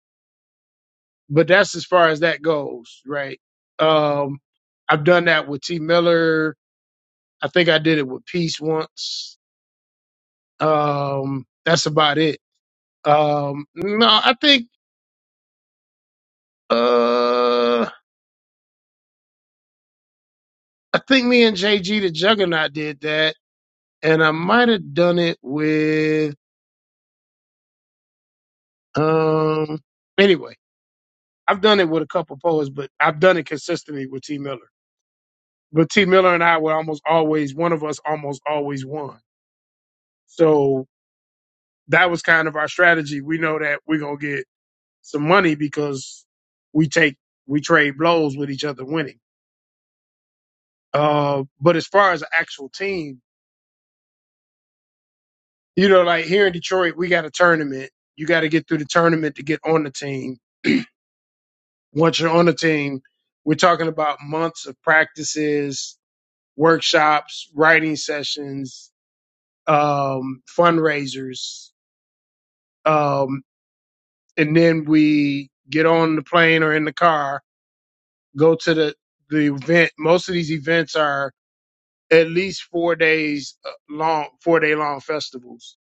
Speaker 1: but that's as far as that goes, right? Um, I've done that with T Miller. I think I did it with Peace once. Um, that's about it. Um, no, I think uh, I think me and JG the Juggernaut did that, and I might have done it with. Um. Anyway, I've done it with a couple poets, but I've done it consistently with T. Miller. But T. Miller and I were almost always one of us almost always won. So that was kind of our strategy. We know that we're gonna get some money because we take we trade blows with each other winning. Uh. But as far as an actual team, you know, like here in Detroit, we got a tournament. You got to get through the tournament to get on the team. <clears throat> Once you're on the team, we're talking about months of practices, workshops, writing sessions, um, fundraisers. Um, and then we get on the plane or in the car, go to the, the event. Most of these events are at least four days uh, long, four day long festivals.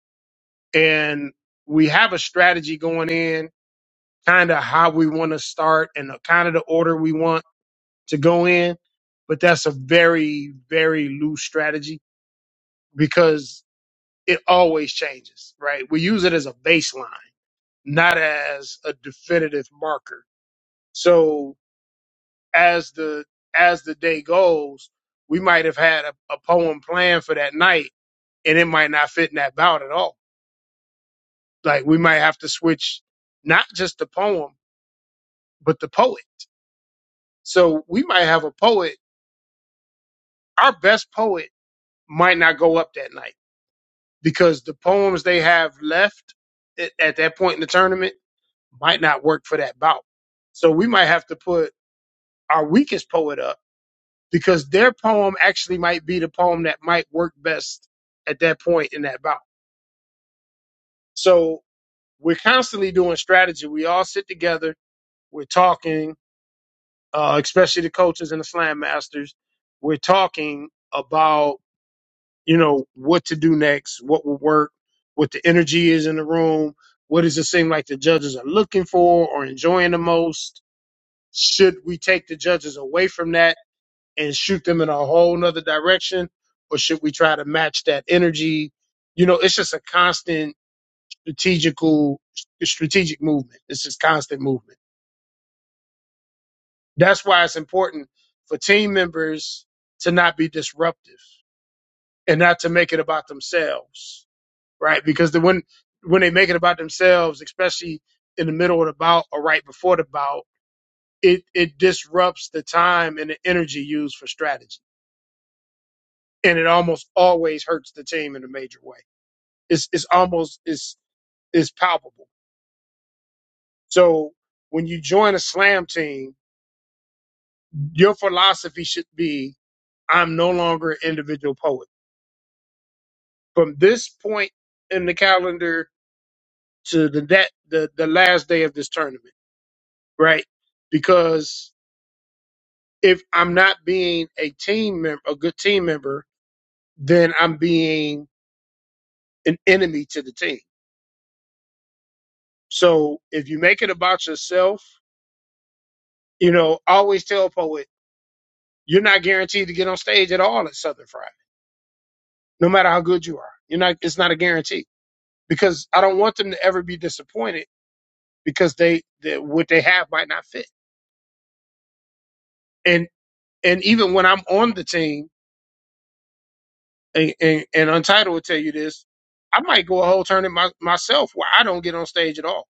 Speaker 1: And we have a strategy going in, kind of how we want to start and the kind of the order we want to go in. But that's a very, very loose strategy because it always changes, right? We use it as a baseline, not as a definitive marker. So as the as the day goes, we might have had a, a poem planned for that night, and it might not fit in that bout at all. Like we might have to switch not just the poem, but the poet. So we might have a poet. Our best poet might not go up that night because the poems they have left at, at that point in the tournament might not work for that bout. So we might have to put our weakest poet up because their poem actually might be the poem that might work best at that point in that bout. So we're constantly doing strategy. We all sit together, we're talking, uh, especially the coaches and the slam masters. We're talking about, you know, what to do next, what will work, what the energy is in the room, what does it seem like the judges are looking for or enjoying the most Should we take the judges away from that and shoot them in a whole nother direction? Or should we try to match that energy? You know, it's just a constant strategical strategic movement. It's just constant movement. That's why it's important for team members to not be disruptive and not to make it about themselves. Right. Because the when when they make it about themselves, especially in the middle of the bout or right before the bout, it it disrupts the time and the energy used for strategy. and it almost always hurts the team in a major way. It's it's almost it's it's palpable. So when you join a slam team, your philosophy should be I'm no longer an individual poet. From this point in the calendar to the that the, the last day of this tournament, right? Because if I'm not being a team member, a good team member, then I'm being an enemy to the team. So if you make it about yourself You know, I always tell poet, you're not guaranteed to get on stage at all at Southern Friday, no matter how good you are. You're not. It's not a guarantee because I don't want them to ever be disappointed because they that what they have might not fit. And and even when I'm on the team, and and, and Untitled will tell you this, I might go a whole tournament my, myself where I don't get on stage at all.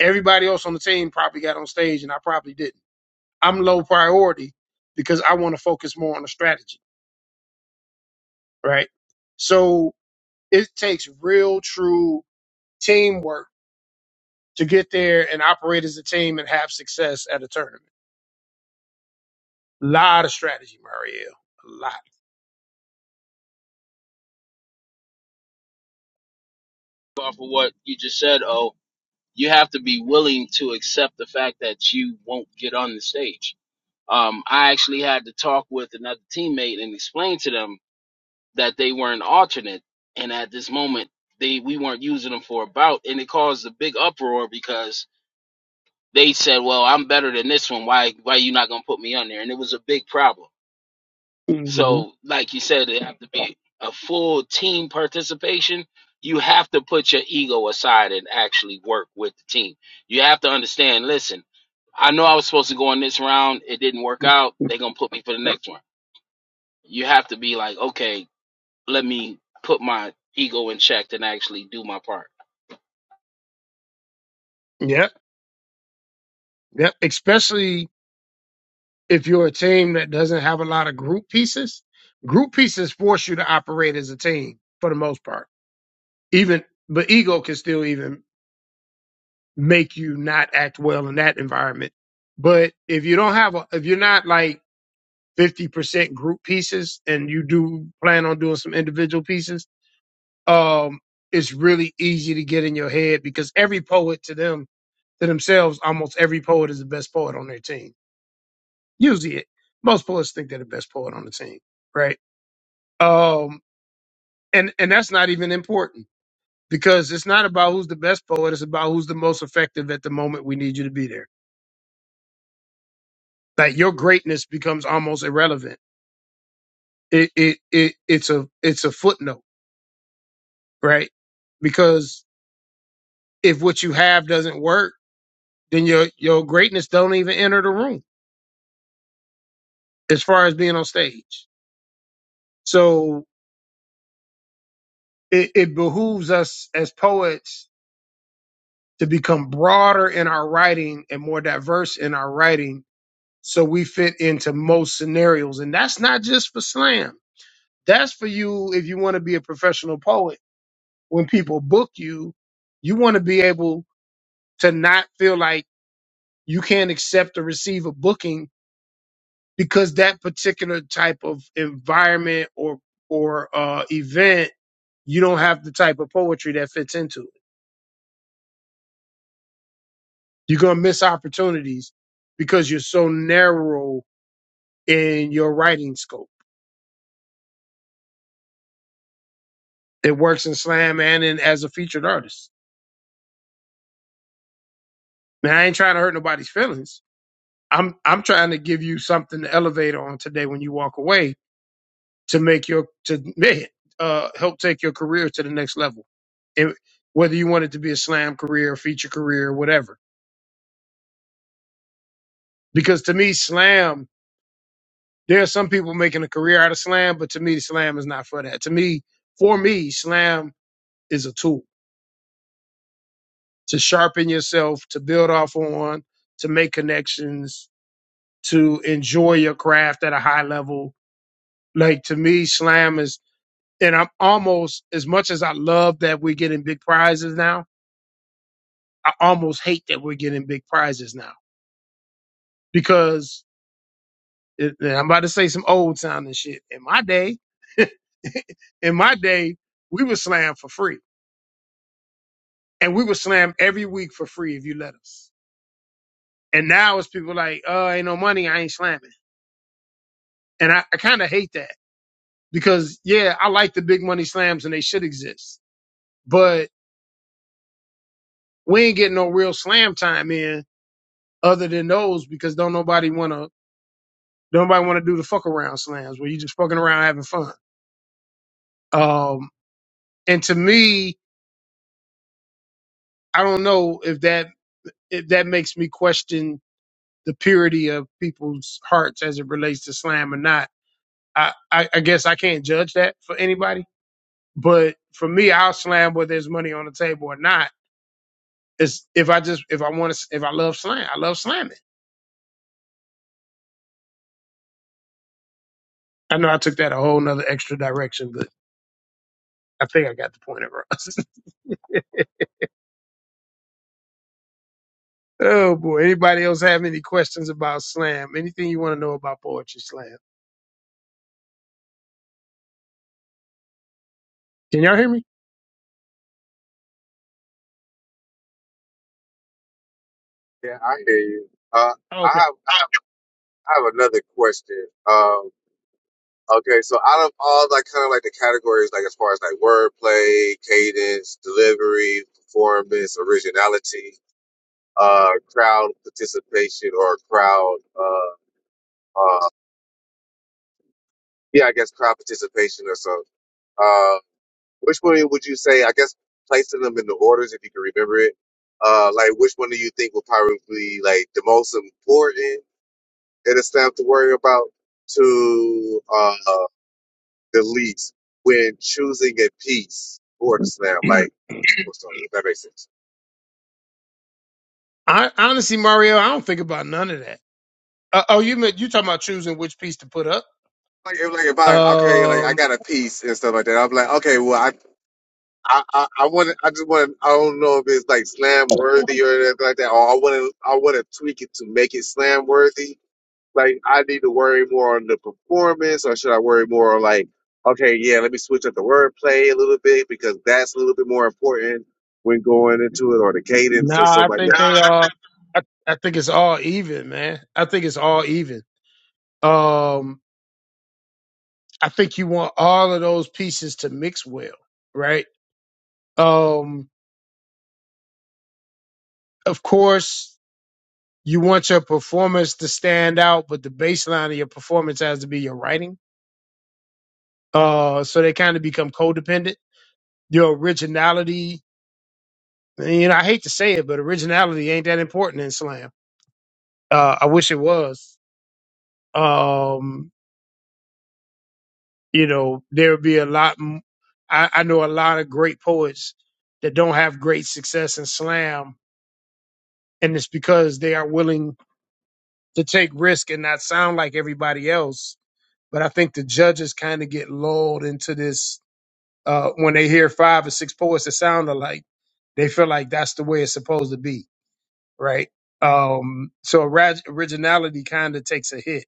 Speaker 1: Everybody else on the team probably got on stage, and I probably didn't. I'm low priority because I want to focus more on the strategy, right? So it takes real, true teamwork to get there and operate as a team and have success at a tournament. A lot of strategy, Marielle. A
Speaker 2: off of what you just said, oh, you have to be willing to accept the fact that you won't get on the stage. um, I actually had to talk with another teammate and explain to them that they were an alternate, and at this moment they we weren't using them for a bout, and it caused a big uproar because they said, "Well, I'm better than this one. Why why you not gonna put me on there?" And it was a big problem.
Speaker 1: lot. hmm
Speaker 2: So, like you said, it have to be a full team participation. You have to put your ego aside and actually work with the team. You have to understand. Listen, I know I was supposed to go on this round. It didn't work out. They're gonna put me for the next one You have to be like, okay, let me put my ego in check and actually do my part.
Speaker 1: Yep, yep. Especially if you're a team that doesn't have a lot of group pieces. Group pieces force you to operate as a team for the most part. Even but ego can still even make you not act well in that environment. But if you don't have a if you're not like 50% group pieces and you do plan on doing some individual pieces, um, it's really easy to get in your head because every poet to them, to themselves, almost every poet is the best poet on their team. Usually it. Most poets think they're the best poet on the team, right? Um, and, and that's not even important because it's not about who's the best poet. It's about who's the most effective at the moment we need you to be there. Like your greatness becomes almost irrelevant. It, it, it, it's a, it's a footnote, right? Because if what you have doesn't work, then your your greatness don't even enter the room as far as being on stage. So it, it behooves us as poets to become broader in our writing and more diverse in our writing so we fit into most scenarios. And that's not just for slam. That's for you if you want to be a professional poet. When people book you, you want to be able to not feel like you can't accept or receive a booking because that particular type of environment or or uh, event, you don't have the type of poetry that fits into it. You're gonna miss opportunities because you're so narrow in your writing scope. It works in slam and in as a featured artist. Now I ain't trying to hurt nobody's feelings. I'm I'm trying to give you something to elevate on today when you walk away to make your to man, uh, help take your career to the next level. And whether you want it to be a slam career, feature career, whatever because to me, slam, there are some people making a career out of slam, but to me, slam is not for that. To me, for me, slam is a tool to sharpen yourself, to build off on, to make connections, to enjoy your craft at a high level. Like to me, slam is, and I'm almost, as much as I love that we're getting big prizes now, I almost hate that we're getting big prizes now because It- I'm about to say some old time and shit. In my day, <laughs> in my day, we were slammed for free. And we were slammed every week for free if you let us. And now it's people like, oh, ain't no money, I ain't slamming. And I, I kind of hate that because, yeah, I like the big money slams and they should exist. But we ain't getting no real slam time in other than those because don't nobody want to, don't nobody want to do the fuck around slams where you just fucking around having fun. Um, and to me, I don't know if that it, that makes me question the purity of people's hearts as it relates to slam or not. I, I, I guess I can't judge that for anybody, but for me, I'll slam whether there's money on the table or not. It's if I just if I want to if I love slam, I love slamming. I know I took that a whole nother extra direction, but I think I got the point across. <laughs> oh boy, anybody else have any questions about slam? Anything you want to know about poetry slam? Can y'all hear me?
Speaker 3: Yeah, I hear you. Uh, I
Speaker 1: Okay.
Speaker 3: have I have another question. Um, okay, so out of all like kind of like the categories, like as far as like wordplay, cadence, delivery, performance, originality, uh, crowd participation, or crowd uh, uh, yeah, I guess crowd participation or so. Uh, which one would you say? I guess placing them in the orders, if you can remember it. Uh, like which one do you think will probably be like the most important that it's time to worry about to uh, the least when choosing a piece for the slam?
Speaker 1: <clears throat>
Speaker 3: Like, <clears throat> or something, if that makes sense.
Speaker 1: I, honestly, Mario, I don't think about none of that. Uh, oh, you meant you talking about choosing which piece to put up?
Speaker 3: Like if, like if I okay, like I
Speaker 1: Um,
Speaker 3: got a piece and stuff like that. I'm like, okay, well, I. I, I, I want to, I just want to, I don't know if it's like slam worthy or anything like that. Or I want to, I want to tweak it to make it slam worthy. Like I need to worry more on the performance, or should I worry more on like, okay, yeah, let me switch up the wordplay a little bit because that's a little bit more important when going into it, or the cadence or
Speaker 1: nah,
Speaker 3: something
Speaker 1: I
Speaker 3: like that.
Speaker 1: think
Speaker 3: Nah,
Speaker 1: they
Speaker 3: I
Speaker 1: are.
Speaker 3: think-
Speaker 1: I, I think it's all even, man. I think it's all even. Um, I think you want all of those pieces to mix well, right? Um, of course, you want your performance to stand out, but the baseline of your performance has to be your writing. Uh, so they kind of become codependent. Your originality, you know, I hate to say it, but originality ain't that important in slam. Uh, I wish it was Um, you know, there'll be a lot. m- I, I know a lot of great poets that don't have great success in slam, and it's because they are willing to take risk and not sound like everybody else. But I think the judges kind of get lulled into this uh, when they hear five or six poets that sound alike. They feel like that's the way it's supposed to be, right? Um, so orig- originality kind of takes a hit,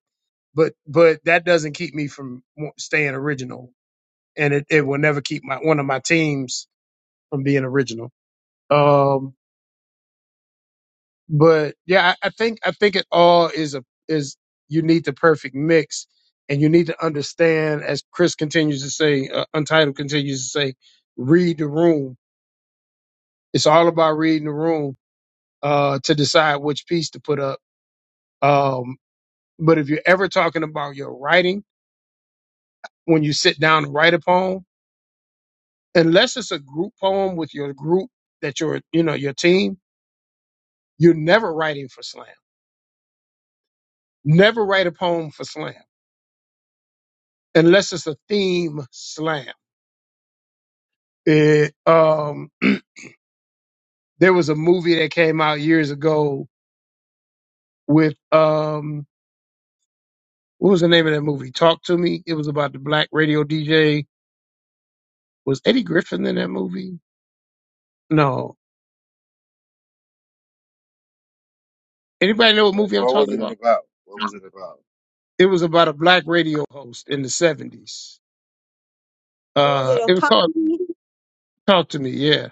Speaker 1: but but that doesn't keep me from wa- staying original and it, it will never keep my one of my teams from being original. Um, but yeah, I, I think I think it all is a is you need the perfect mix, and you need to understand, as Chris continues to say, uh, Untitled continues to say, read the room. It's all about reading the room uh, to decide which piece to put up. Um, but if you're ever talking about your writing, when you sit down and write a poem, unless it's a group poem with your group that your you know your team, You're never writing for slam. Never write a poem for slam unless it's a theme slam. It, um, <clears throat> there was a movie that came out years ago with, um, what was the name of that movie? Talk to me. It was about the black radio DJ. Was Eddie Griffin in that movie? No. Anybody know what
Speaker 3: What,
Speaker 1: movie I'm
Speaker 3: what was
Speaker 1: talking
Speaker 3: it
Speaker 1: about?
Speaker 3: about? What was it about?
Speaker 1: It was about a black radio host in the 70s.
Speaker 5: Was it
Speaker 1: Uh,
Speaker 5: a
Speaker 1: it was called
Speaker 5: comedy?
Speaker 1: Talk to Me. Yeah.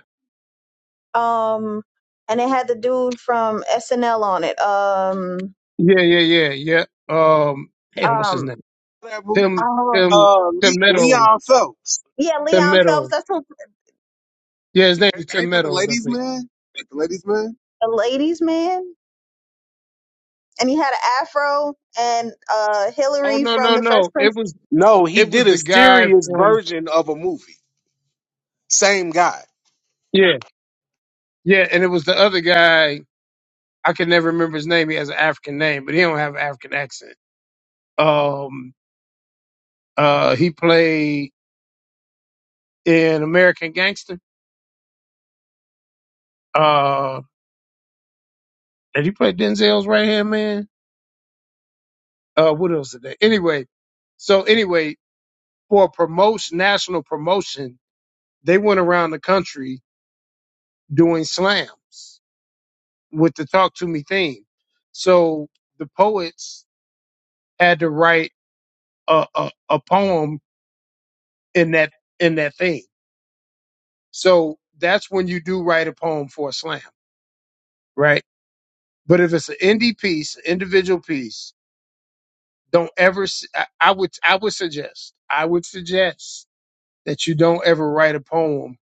Speaker 5: Um and it had the dude from SNL on it. Um
Speaker 1: Yeah. Yeah. Yeah. Yeah. Um, damn, what's his
Speaker 5: um
Speaker 1: name?
Speaker 6: That movie,
Speaker 1: Tim,
Speaker 5: oh
Speaker 1: Tim,
Speaker 6: uh
Speaker 1: Tim
Speaker 6: Le-
Speaker 1: Meadows
Speaker 6: leon phelps
Speaker 5: yeah,
Speaker 1: Tim
Speaker 5: Leon Phelps,
Speaker 1: Meadows.
Speaker 5: that's what
Speaker 1: Yeah, his name is
Speaker 3: A-
Speaker 1: Tim
Speaker 3: Ain't that the
Speaker 1: Meadows, I
Speaker 3: ladies'
Speaker 1: think.
Speaker 3: man? Like the ladies' man?
Speaker 5: the ladies man. And he had an afro and uh
Speaker 1: Oh
Speaker 5: Hillary
Speaker 1: no,
Speaker 5: from
Speaker 1: no,
Speaker 5: the Fresh
Speaker 1: no.
Speaker 5: Prince.
Speaker 1: It was
Speaker 6: no he
Speaker 1: it
Speaker 6: did
Speaker 1: was
Speaker 6: a
Speaker 1: the guy
Speaker 6: serious
Speaker 1: from
Speaker 6: version of a movie same guy
Speaker 1: Yeah. Yeah, and it was the other guy. I can never remember his name. He has an African name, but he don't have an African accent. Um uh he played in American Gangster. Uh did he play Denzel's right hand man? Uh what else did they anyway? So anyway, for promotion national promotion, they went around the country doing slams. with the talk to me theme. So the poets had to write a, a, a poem in that in that theme. So that's when you do write a poem for a slam, right? But if it's an indie piece, individual piece, don't ever. s- I, I would I would suggest I would suggest that you don't ever write a poem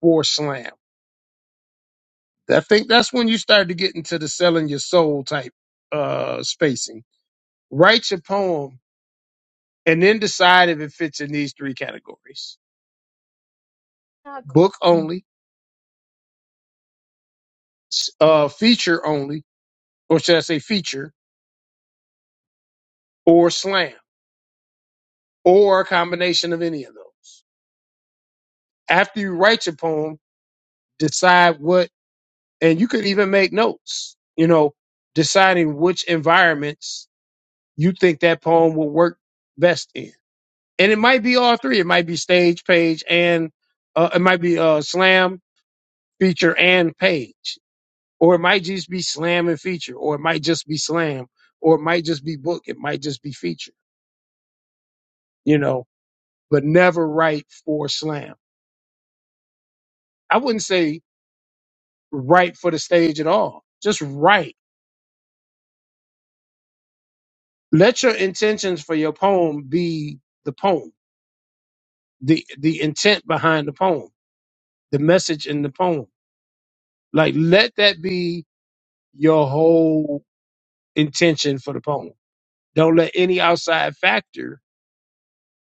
Speaker 1: for slam. I think that's when you start to get into the selling your soul type uh spacing. Write your poem and then decide if it fits in these three categories book only, s- uh, feature only, or should I say feature, or slam, or a combination of any of those. After you write your poem, decide what, and you could even make notes, you know, deciding which environments you think that poem will work best in. And it might be all three. It might be stage, page, and uh, it might be uh, slam, feature, and page or it might just be slam and feature, or it might just be slam, or it might just be book, it might just be feature, you know, but never write for slam. I wouldn't say write for the stage at all. Just write. Let your intentions for your poem be the poem, the the intent behind the poem, the message in the poem. Like let that be your whole intention for the poem. Don't let any outside factor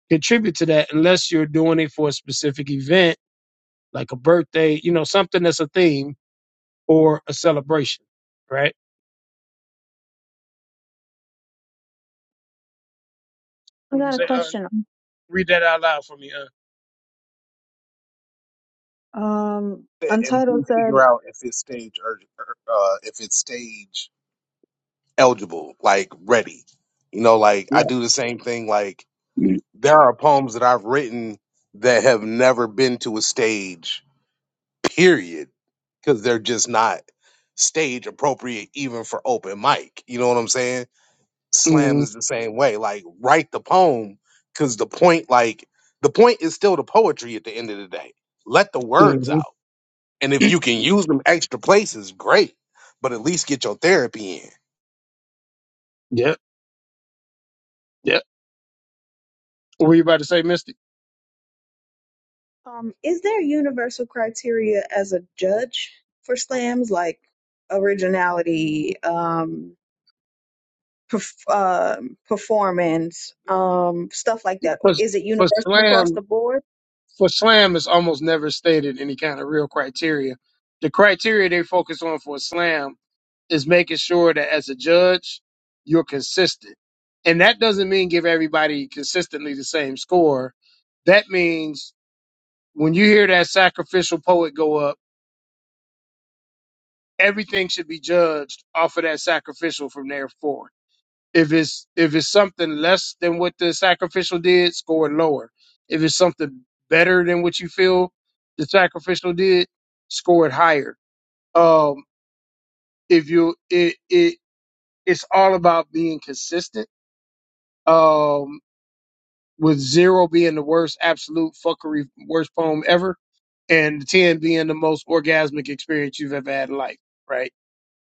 Speaker 1: contribute to that unless you're doing it for a specific event like a birthday, you know, something that's a theme or a celebration, right? Would you say, uh, read that out loud for me, uh?
Speaker 6: and we figure out if it's stage or uh, if it's stage eligible like ready you know like i do the same thing like There are poems that I've written that have never been to a stage, period, because they're just not stage appropriate even for open mic. You know what I'm saying? Slam
Speaker 1: Mm-hmm,
Speaker 6: is the same way. Like, write the poem because the point, like, the point is still the poetry at the end of the day. Let the words
Speaker 1: mm-hmm.
Speaker 6: out. And if you can use them extra places, great. But at least get your therapy in.
Speaker 1: Yep, yep. What were you about to say, Misty?
Speaker 5: Um, is there universal criteria as a judge for slams like originality, um, perf- um performance, um, stuff like that?
Speaker 1: For,
Speaker 5: Is it
Speaker 1: for
Speaker 5: universal across
Speaker 1: slam,
Speaker 5: the board?
Speaker 1: for slam is almost never stated any kind of real criteria. The criteria they focus on for slam is making sure that as a judge, you're consistent. And that doesn't mean give everybody consistently the same score. That means when you hear that sacrificial poet go up, everything should be judged off of that sacrificial from there forward. If it's if it's something less than what the sacrificial did, score it lower. If it's something better than what you feel the sacrificial did, score it higher. Um, if you it it it's all about being consistent. Um, with zero being the worst absolute fuckery worst poem ever, and ten being the most orgasmic experience you've ever had in life. Right.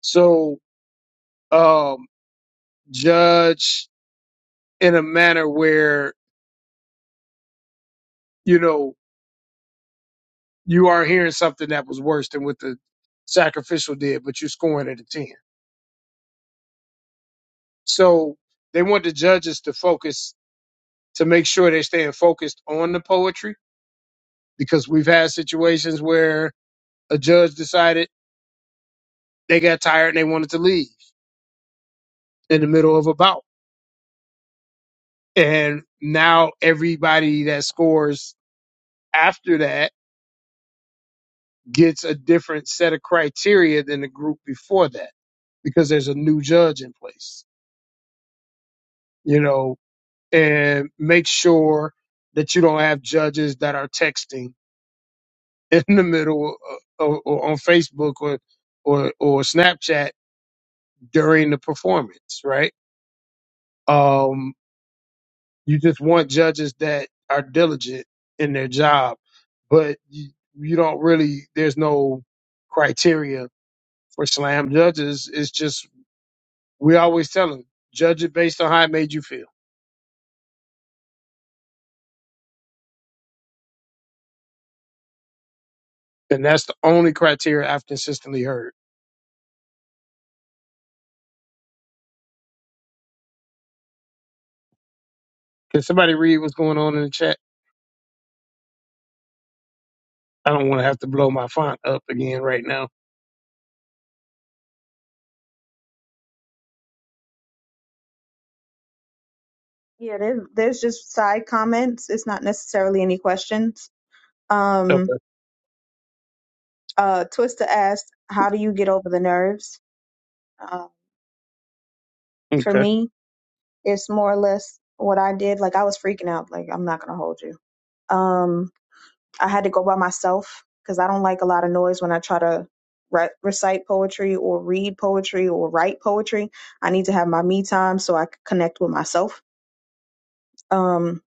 Speaker 1: So um, judge in a manner where you know you are hearing something that was worse than what the sacrificial did, but you're scoring at a ten. So they want the judges to focus to make sure they're staying focused on the poetry because we've had situations where a judge decided they got tired and they wanted to leave in the middle of a bout, and now everybody that scores after that gets a different set of criteria than the group before that. because there's a new judge in place, you know, and make sure that you don't have judges that are texting <laughs> in the middle of, or, or on Facebook or, or, or Snapchat during the performance, right? Um, you just want judges that are diligent in their job, but you, you don't really, there's no criteria for slam judges. It's just, we always tell them, judge it based on how it made you feel then that's the only criteria I've consistently heard. Can somebody read what's going on in the chat? I don't want to have to blow my font up again right now.
Speaker 5: Yeah, there's, there's just side comments. It's not necessarily any questions.
Speaker 1: Okay.
Speaker 5: Um, uh, Twista asked, "How do you get over the nerves?" Uh, for
Speaker 1: Okay.
Speaker 5: me, it's more or less what I did. Like I was freaking out. Like I'm not gonna hold you. Um, I had to go by myself because I don't like a lot of noise when I try to re- recite poetry or read poetry or write poetry. I need to have my me time so I could connect with myself. Um,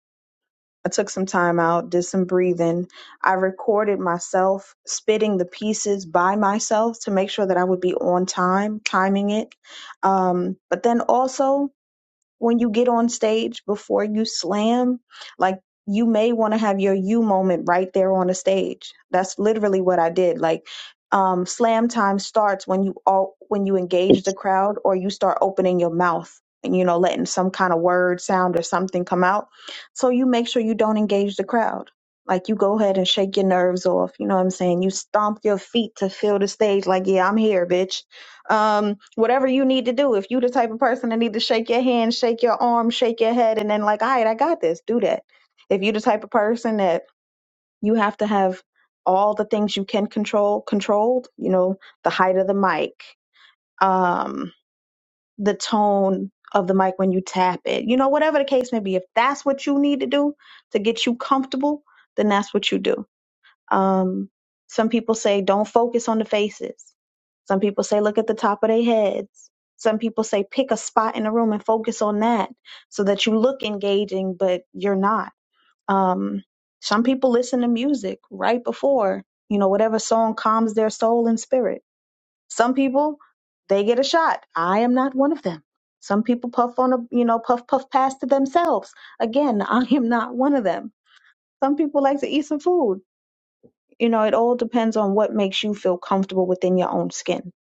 Speaker 5: I took some time out, did some breathing. I recorded myself spitting the pieces by myself to make sure that I would be on time, timing it. Um, but then also, when you get on stage before you slam, like you may want to have your you moment right there on the stage. That's literally what I did. Like um, slam time starts when you all when you engage the crowd or you start opening your mouth and you know letting some kind of word sound or something come out. So you make sure you don't engage the crowd. Like you go ahead and shake your nerves off. You know what I'm saying? You stomp your feet to fill the stage. Like yeah, I'm here, bitch um whatever you need to do if you the type of person that need to shake your hand shake your arm shake your head and then like all right i got this do that if you the type of person that you have to have all the things you can control controlled you know the height of the mic um the tone of the mic when you tap it you know whatever the case may be if that's what you need to do to get you comfortable then that's what you do um, some people say don't focus on the faces. Some people say look at the top of their heads. Some people say pick a spot in the room and focus on that so that you look engaging, but you're not. Um, some people listen to music right before, you know, whatever song calms their soul and spirit. Some people, they get a shot. I am not one of them. Some people puff on a, you know, puff, puff past to themselves. Again, <laughs> I am not one of them. Some people like to eat some food you know, it all depends on what makes you feel comfortable within your own skin.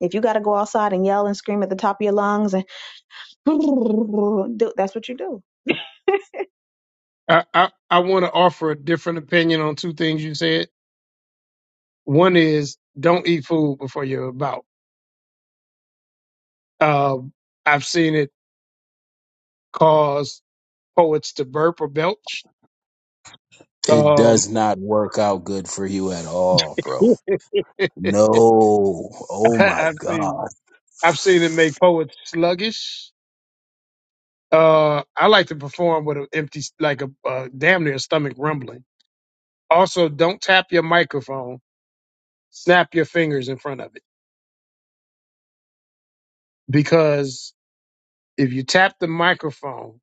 Speaker 5: If you got to go outside and yell and scream at the top of your lungs, and <laughs> do- that's what you do.
Speaker 1: I, I, I want to offer a different opinion on two things you said. One is don't eat food before you're about. Um, I've seen it cause poets to burp or belch.
Speaker 2: It
Speaker 1: Um,
Speaker 2: does not work out good for you at all, bro.
Speaker 1: <laughs>
Speaker 2: No. Oh my
Speaker 1: I've seen
Speaker 2: God.
Speaker 1: I've seen it make poets sluggish. Uh, I like to perform with an empty, like a uh, damn near stomach rumbling Also, don't tap your microphone. Snap your fingers in front of it. Because if you tap the microphone,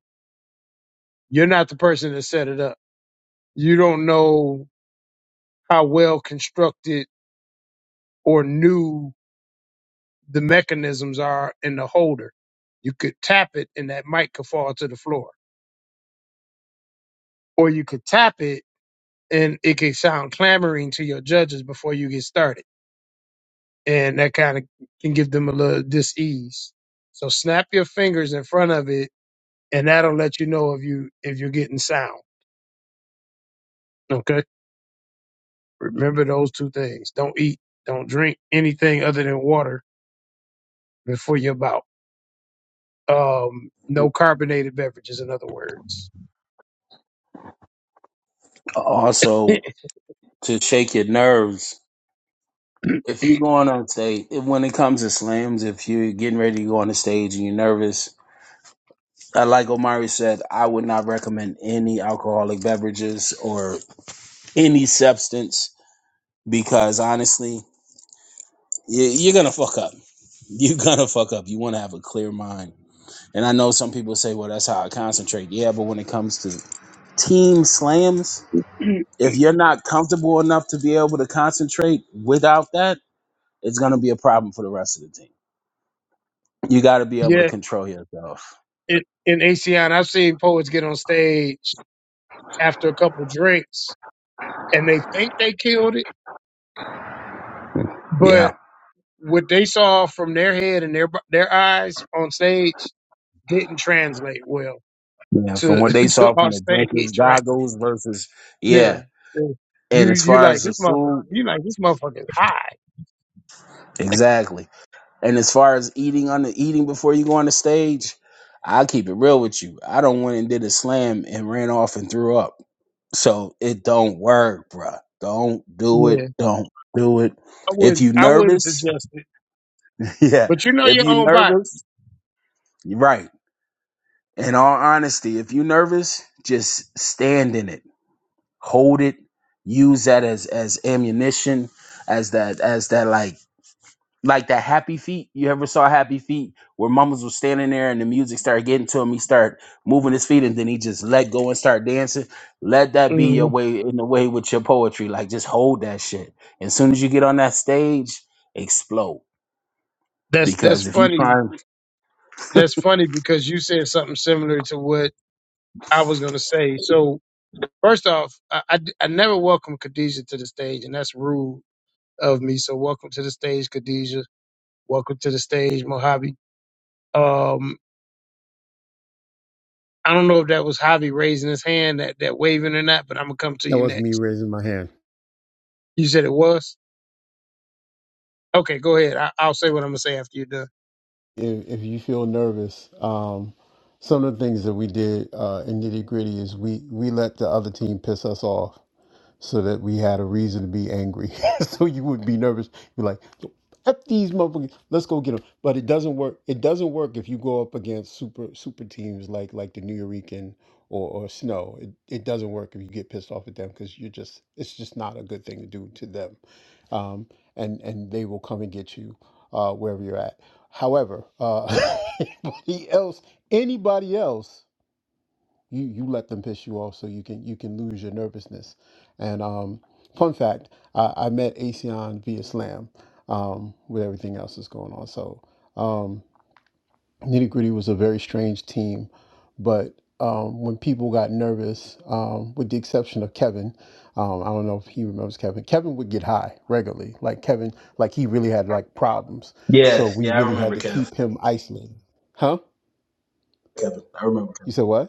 Speaker 1: you're not the person that set it up. You don't know how well constructed or new the mechanisms are in the holder. You could tap it and that mic could fall to the floor. Or you could tap it and it could sound clamoring to your judges before you get started. And that kind of can give them a little dis ease. So snap your fingers in front of it and that'll let you know if you if you're getting sound. Okay. Remember those two things. Don't eat, don't drink anything other than water before your bout. Um, no carbonated beverages, in other words. <laughs>
Speaker 2: Also, to shake your nerves, if you're going on stage, if, when it comes to slams, if you're getting ready to go on the stage and you're nervous, uh, like Omari said, I would not recommend any alcoholic beverages or any substance because honestly, you, you're gonna fuck up. You're <laughs> gonna fuck up. You want to have a clear mind. And I know some people say, "Well, that's how I concentrate." Yeah, but when it comes to team slams, if you're not comfortable enough to be able to concentrate without that, it's gonna be a problem for the rest of the team. You got to be able to
Speaker 1: yeah,
Speaker 2: control yourself.
Speaker 1: it, in ACN, I've seen poets get on stage after a couple drinks and they think they killed it, but
Speaker 2: Yeah,
Speaker 1: what they saw from their head and their bu- their eyes on stage didn't translate well
Speaker 2: yeah. From
Speaker 1: to
Speaker 2: what they
Speaker 1: <laughs> to
Speaker 2: saw
Speaker 1: our
Speaker 2: from the drinkers,
Speaker 1: stage, right?
Speaker 2: goggles versus
Speaker 1: Yeah.
Speaker 2: yeah.
Speaker 1: yeah. You
Speaker 2: And as
Speaker 1: you
Speaker 2: far
Speaker 1: like
Speaker 2: as the
Speaker 1: this motherfucker.
Speaker 2: food,
Speaker 1: You like this motherfucker's high.
Speaker 2: exactly. And as far as eating on the eating before you go on the stage, I'll keep it real with you. I don't went and did a slam and ran off and threw up. So it don't work, bruh. Don't do it.
Speaker 1: Yeah.
Speaker 2: Don't do it.
Speaker 1: I
Speaker 2: If
Speaker 1: wouldn't
Speaker 2: you
Speaker 1: I wouldn't
Speaker 2: nervous,
Speaker 1: suggest it.
Speaker 2: <laughs> yeah.
Speaker 1: But you know
Speaker 2: If
Speaker 1: your
Speaker 2: you
Speaker 1: own body.
Speaker 2: nervous, you're right. In all honesty, if you nervous, just stand in it. Hold it. Use that as as ammunition, as that as that like like that happy feet. You ever saw happy feet where mamas was standing there and the music started getting to him? He start moving his feet and then he just let go and start dancing. Let that be your
Speaker 1: Mhm.
Speaker 2: way in the way with your poetry. Like just hold that shit. As soon as you get on that stage, explode.
Speaker 1: That's that's
Speaker 2: Because if you
Speaker 1: funny.
Speaker 2: try,
Speaker 1: That's funny because you said something similar to what I was gonna say. So first off, I, I, d- I never welcomed Khadijah to the stage, and that's rude of me. So welcome to the stage, Khadijah. Welcome to the stage, Mojave. Um, I don't know if that was Javi raising his hand, that that waving or not, but I'm gonna come to
Speaker 7: That
Speaker 1: you
Speaker 7: was me
Speaker 1: next.
Speaker 7: raising my hand.
Speaker 1: You said it was. Okay, go ahead. I, I'll say what I'm gonna say after you're done.
Speaker 7: If, if you feel nervous, um, some of the things that we did uh, in nitty gritty is we we let the other team piss us off. so that we had a reason to be angry. <laughs> so you would be nervous. You're like, "So, F these motherfuckers. Let's go get them. But it doesn't work. It doesn't work if you go up against super super teams like like the New Eurekan or, or Snow. It, it doesn't work if you get pissed off at them because you're just it's just not a good thing to do to them, um, and and they will come and get you uh, wherever you're at. However, uh, <laughs> anybody else, anybody else you you let them piss you off so you can you can lose your nervousness and um fun fact i, I met asean via slam um with everything else that's going on so um nitty gritty was a very strange team but um, when people got nervous, um, with the exception of Kevin, um, I don't know if he remembers Kevin. Kevin would get high regularly. Like Kevin, like he really had like problems. So
Speaker 2: Yes,
Speaker 7: we
Speaker 2: yeah, I
Speaker 7: really had
Speaker 2: remember
Speaker 7: to
Speaker 2: Kev.
Speaker 7: keep him isolated. Huh?
Speaker 2: Kevin, I remember. Kevin.
Speaker 7: You said what?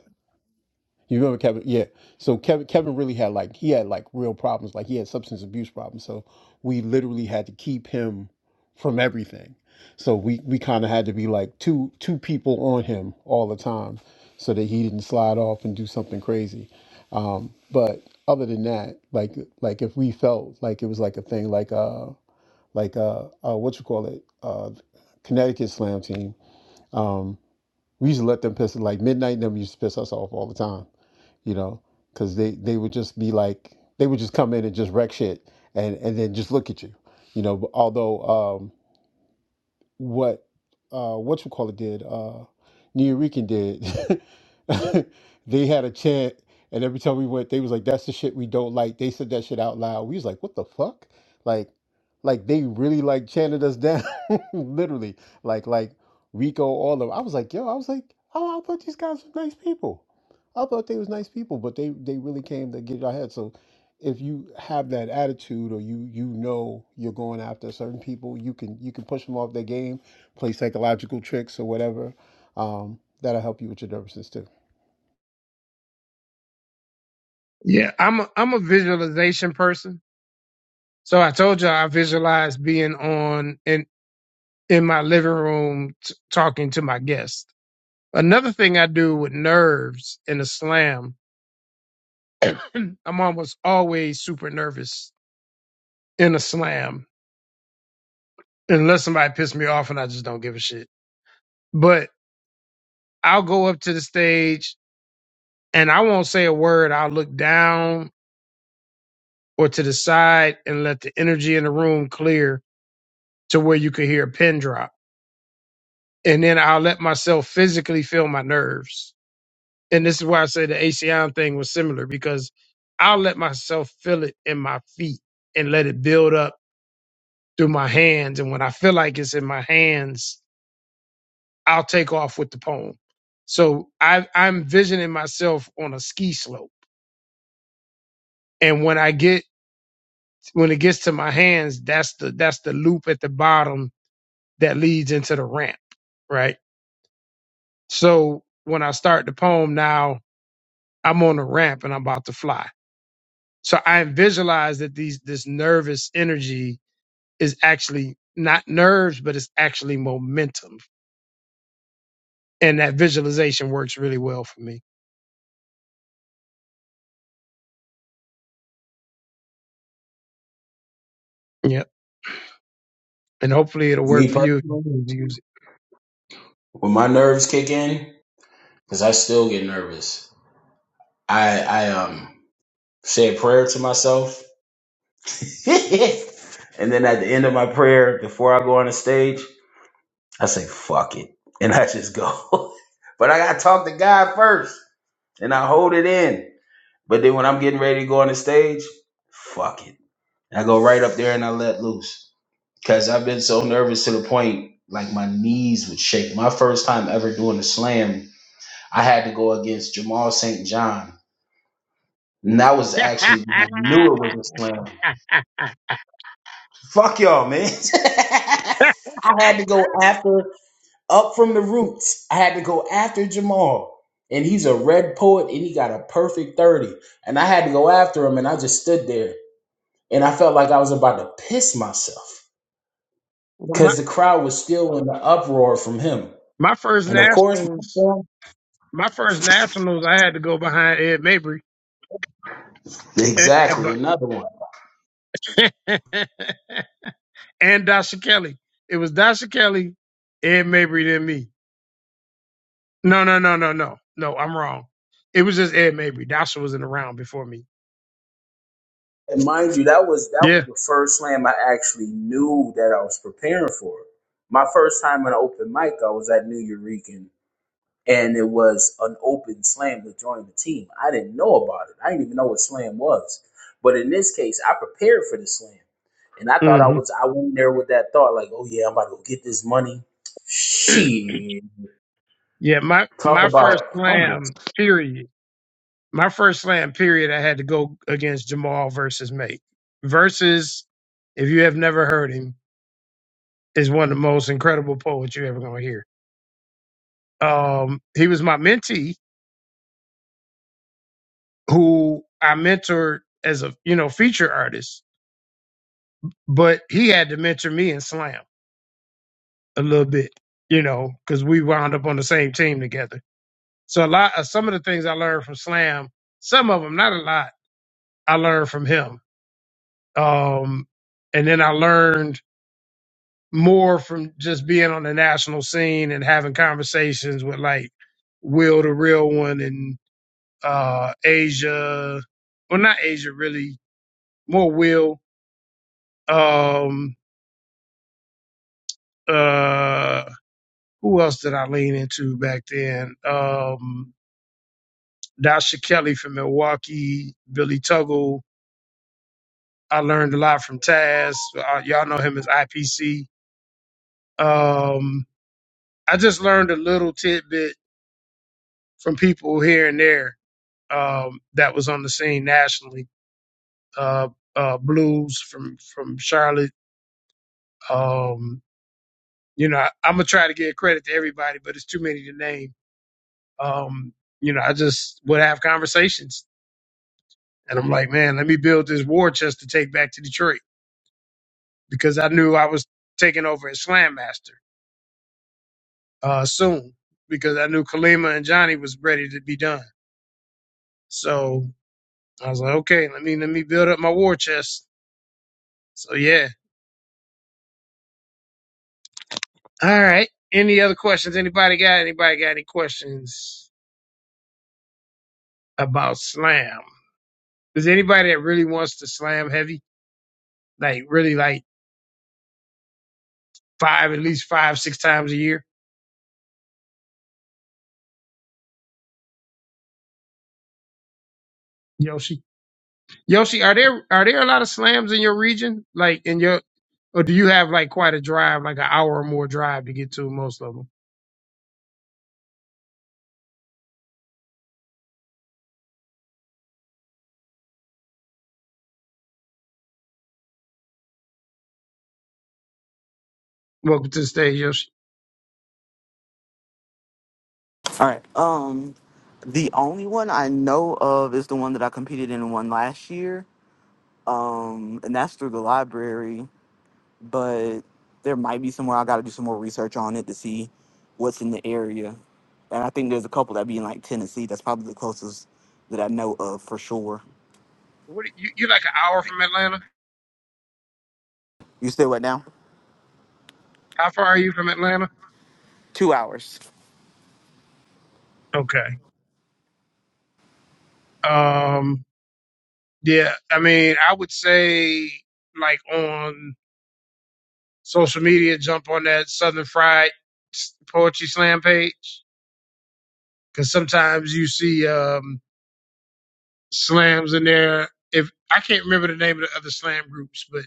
Speaker 7: You remember Kevin? Yeah. So Kevin, Kevin really had like he had like real problems. Like he had substance abuse problems. So we literally had to keep him from everything. So we we kind of had to be like two two people on him all the time, so that he didn't slide off and do something crazy. Um, but other than that, like like if we felt like it was like a thing, like uh like uh, uh what you call it uh Connecticut Slam team. Um, we used to let them piss like midnight. Them used to piss us off all the time you know, because they they would just be like they would just come in and just wreck shit and and then just look at you, you know. Although um, what uh what you call it did uh New Rican did <laughs> they had a chant and every time we went they was like that's the shit we don't like they said that shit out loud we was like what the fuck like like they really like chanted us down <laughs> literally like like Rico all of 'em. I was like yo I was like oh I thought these guys were nice people I thought they was nice people but they they really came to get our head so if you have that attitude or you you know you're going after certain people, you can you can push them off their game, play psychological tricks or whatever. Um, that'll help you with your nervousness too.
Speaker 1: Yeah, I'm a, I'm a visualization person. So I told you I visualize being on in in my living room t- talking to my guest. Another thing I do with nerves in a slam, I'm almost always super nervous in a slam unless somebody pisses me off and I just don't give a shit. But I'll go up to the stage and I won't say a word. I'll look down or to the side and let the energy in the room clear to where you could hear a pin drop. And then I'll let myself physically feel my nerves. And this is why I say the ACI thing was similar because I'll let myself feel it in my feet and let it build up through my hands. And when I feel like it's in my hands, I'll take off with the poem. So I, I'm visioning myself on a ski slope. And when I get, when it gets to my hands, that's the, that's the loop at the bottom that leads into the ramp. Right. So when I start the poem now, I'm on a ramp and I'm about to fly. So I visualize that these this nervous energy is actually not nerves, but it's actually momentum. And that visualization works really well for me. Yep. And hopefully it'll work
Speaker 2: Me
Speaker 1: for you if
Speaker 2: personally,
Speaker 1: you use
Speaker 2: when my nerves kick in, because I still get nervous. I I um say a prayer to myself <laughs> and then at the end of my prayer, before I go on the stage, I say, fuck it. And I just go. <laughs> but I got to talk to God first and I hold it in. But then when I'm getting ready to go on the stage, fuck it. I go right up there and I let loose. Because I've been so nervous to the point, like my knees would shake. My first time ever doing a slam, I had to go against Jamal St. John. And that was
Speaker 1: it.
Speaker 2: actually, I
Speaker 1: <laughs>
Speaker 2: knew it was a slam Fuck y'all, man. <laughs> I had to go after up from the roots. I had to go after Jamal. And he's a red poet and he got a perfect 30. And I had to go after him and I just stood there. And I felt like I was about to piss myself.
Speaker 1: Well, my,
Speaker 2: Cause the crowd was still in the uproar from him.
Speaker 1: my first
Speaker 2: And of course, my
Speaker 1: nationals,
Speaker 2: slam-
Speaker 1: my first nationals, I had to go behind Ed Mabry and,
Speaker 2: exactly another one.
Speaker 1: and <laughs> and Dasha Kelly. It was Dasha Kelly, Ed Mabry, then me. No, no, no, no, no, no. I'm wrong. It was just Ed Mabry. Dasha was in the round before me.
Speaker 2: And mind you, that was that was
Speaker 1: Yeah.
Speaker 2: the first slam I actually knew that I was preparing for. My first time in an open mic, I was at New Eureka and it was an open slam to join the team. I didn't know about it. I didn't even know what slam was. But in this case, I prepared for the slam, and I thought I
Speaker 1: hmm
Speaker 2: was. I went there with that thought, like, oh yeah, I'm about to go get this money.
Speaker 1: <clears throat>
Speaker 2: Shit,
Speaker 1: Yeah. My
Speaker 2: talk
Speaker 1: my
Speaker 2: about
Speaker 1: first
Speaker 2: humble.
Speaker 1: slam period. My first slam period. I had to go against Jamal versus Mate. Versus, if you have never heard him, is one of the most incredible poets you're ever gonna hear. Um, he was my mentee who I mentored as a you know feature artist, but he had to mentor me in slam. a little bit, you know, because we wound up on the same team together. So a lot of some of the things I learned from Slam, some of them, not a lot, I learned from him. Um, and then I learned more from just being on the national scene and having conversations with like Will the Real One and uh Asia. Well, not Asia really, more Will. Um uh who else did I lean into back then? Um Dasha Kelly from Milwaukee, Billy Tuggle. I learned a lot from Taz. Uh, y'all know him as IPC. Um, I just learned a little tidbit from people here and there um, that was on the scene nationally. Uh, uh, Blues from from Charlotte. Um, you know, I, I'm gonna try to give credit to everybody, but it's too many to name. Um, you know, I just would have conversations, and I'm like, man, let me build this war chest to take back to Detroit because I knew I was taking over as Slam Master uh, soon because I knew Kalima and Johnny was ready to be done. So I was like, okay, let me let me build up my war chest. So yeah. All right. Any other questions? Anybody got anybody got any questions about slam? Is there anybody that really wants to slam heavy? Like really like five, at least five, six times a year? Yoshi? Yoshi, are there are there a lot of slams in your region? Like in your, or do you have like quite a drive, like an hour or more drive to get to most of them? Welcome to the stage, Yoshi.
Speaker 8: All right. Um, the only one I know of is the one that I competed in and won last year. Um, and that's through the library, but there might be somewhere I got to do some more research on it to see what's in the area. And I think there's a couple that be in like Tennessee. That's probably the closest that I know of for sure.
Speaker 1: What you you like an hour from Atlanta?
Speaker 8: You still what now?
Speaker 1: How far are you from Atlanta?
Speaker 8: Two hours.
Speaker 1: Okay. Um. Yeah. I mean, I would say like on social media, jump on that Southern Fried s- Poetry Slam page because sometimes you see um slams in there. If I can't remember the name of the other slam groups, but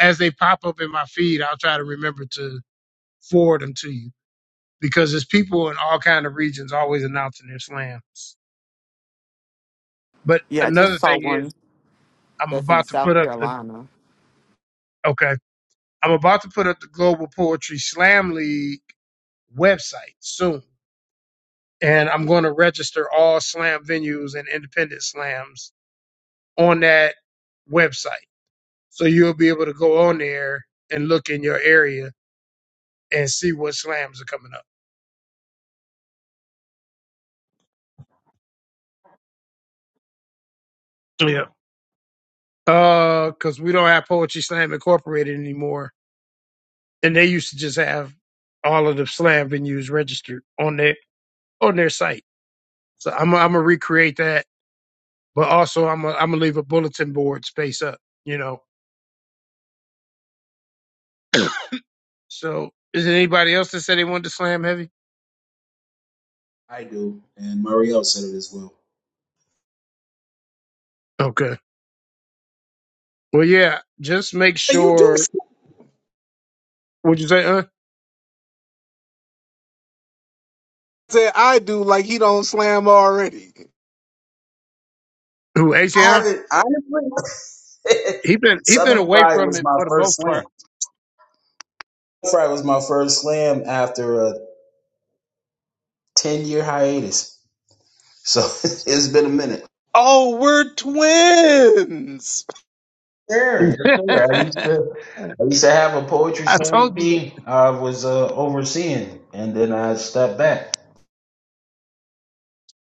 Speaker 1: as they pop up in my feed, I'll try to remember to forward them to you because there's people in all kind of regions always announcing their slams. But
Speaker 8: Yeah, I just
Speaker 1: another
Speaker 8: saw
Speaker 1: thing
Speaker 8: one
Speaker 1: is, I'm
Speaker 8: that's in
Speaker 1: about to put
Speaker 8: South
Speaker 1: up the
Speaker 8: Carolina.
Speaker 1: okay. I'm about to put up the Global Poetry Slam League website soon, and I'm going to register all slam venues and independent slams on that website. So you'll be able to go on there and look in your area and see what slams are coming up. Yeah. Uh, because we don't have Poetry Slam Incorporated anymore, and they used to just have all of the slam venues registered on their on their site. So I'm i am i gonna recreate that, but also I'm i I'm gonna leave a bulletin board space up. You know. So is it anybody else that said they wanted to slam heavy?
Speaker 2: I do, and Marielle said it as well.
Speaker 1: Okay. Well, yeah. Just make
Speaker 6: And You do
Speaker 1: sure. Would you say, uh,
Speaker 6: say I do like he don't slam already.
Speaker 1: who
Speaker 2: I
Speaker 1: ACM?
Speaker 2: haven't honestly.
Speaker 1: He been
Speaker 2: <laughs>
Speaker 1: he been
Speaker 2: Southern
Speaker 1: away
Speaker 2: Pride
Speaker 1: from
Speaker 2: was
Speaker 1: it
Speaker 2: my
Speaker 1: for the
Speaker 2: first
Speaker 1: most
Speaker 2: slam.
Speaker 1: part.
Speaker 2: Southern Pride was my first slam after a ten year hiatus, so <laughs> it's been a minute.
Speaker 6: Oh, we're twins.
Speaker 2: Sure. Yes,
Speaker 1: <laughs>
Speaker 2: sir. I used to, I used to have a poetry
Speaker 1: I told you
Speaker 2: society I was uh, overseeing, and then I stepped back.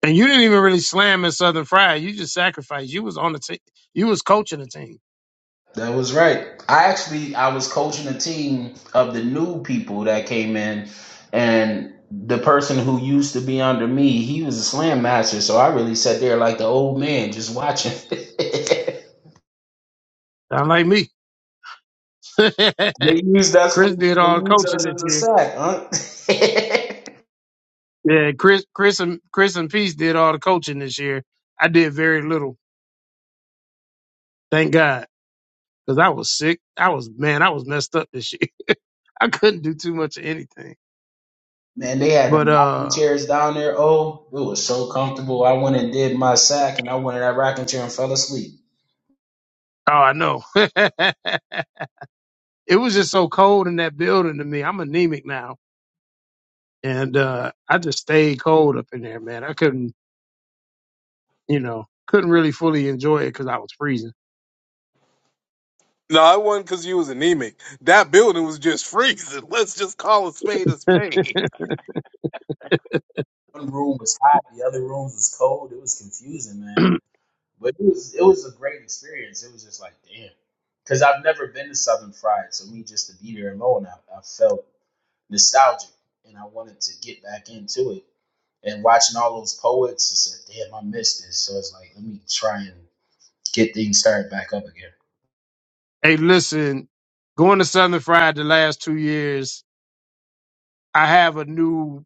Speaker 1: And you didn't even really slam in Southern Fried. You just sacrificed. You was on the team. You was coaching the team.
Speaker 2: That was right. I actually, I was coaching a team of the new people that came in, and the person who used to be under me, he was a slam master, so I really sat there like the old man, just watching. <laughs> they
Speaker 1: Sound like me. <laughs>
Speaker 2: used us for,
Speaker 1: Chris did
Speaker 2: they
Speaker 1: all the
Speaker 2: used
Speaker 1: coaching
Speaker 2: us
Speaker 1: this
Speaker 2: as a
Speaker 1: year.
Speaker 2: sack, huh? <laughs>
Speaker 1: Yeah, Chris, Chris, and Chris and Peace did all the coaching this year. I did very little. Thank God, because I was sick. I was man. I was messed up this year. <laughs> I couldn't do too much of anything.
Speaker 2: Man, they had the
Speaker 1: But
Speaker 2: rocking
Speaker 1: uh,
Speaker 2: chairs down there. Oh, it was so comfortable. I went and did my sack, and I went in that rocking chair and fell asleep.
Speaker 1: oh, I know. <laughs> it was just so cold in that building to me. I'm anemic now, and uh, I just stayed cold up in there, man. I couldn't. you know, couldn't really fully enjoy it because I was freezing.
Speaker 6: No, it wasn't because you was anemic. That building was just freezing. <laughs> Let's just call a spade a spade.
Speaker 2: One room was hot, the other rooms was cold. It was confusing, man. But it was it was a great experience. It was just like damn, because I've never been to Southern Fried, so me just to be there alone, I, I felt nostalgic, and I wanted to get back into it. And watching all those poets, I said, "Damn, I missed this." So it's like, let me try and get things started back up again.
Speaker 1: Hey, listen, going to Southern Fried the last two years, I have a new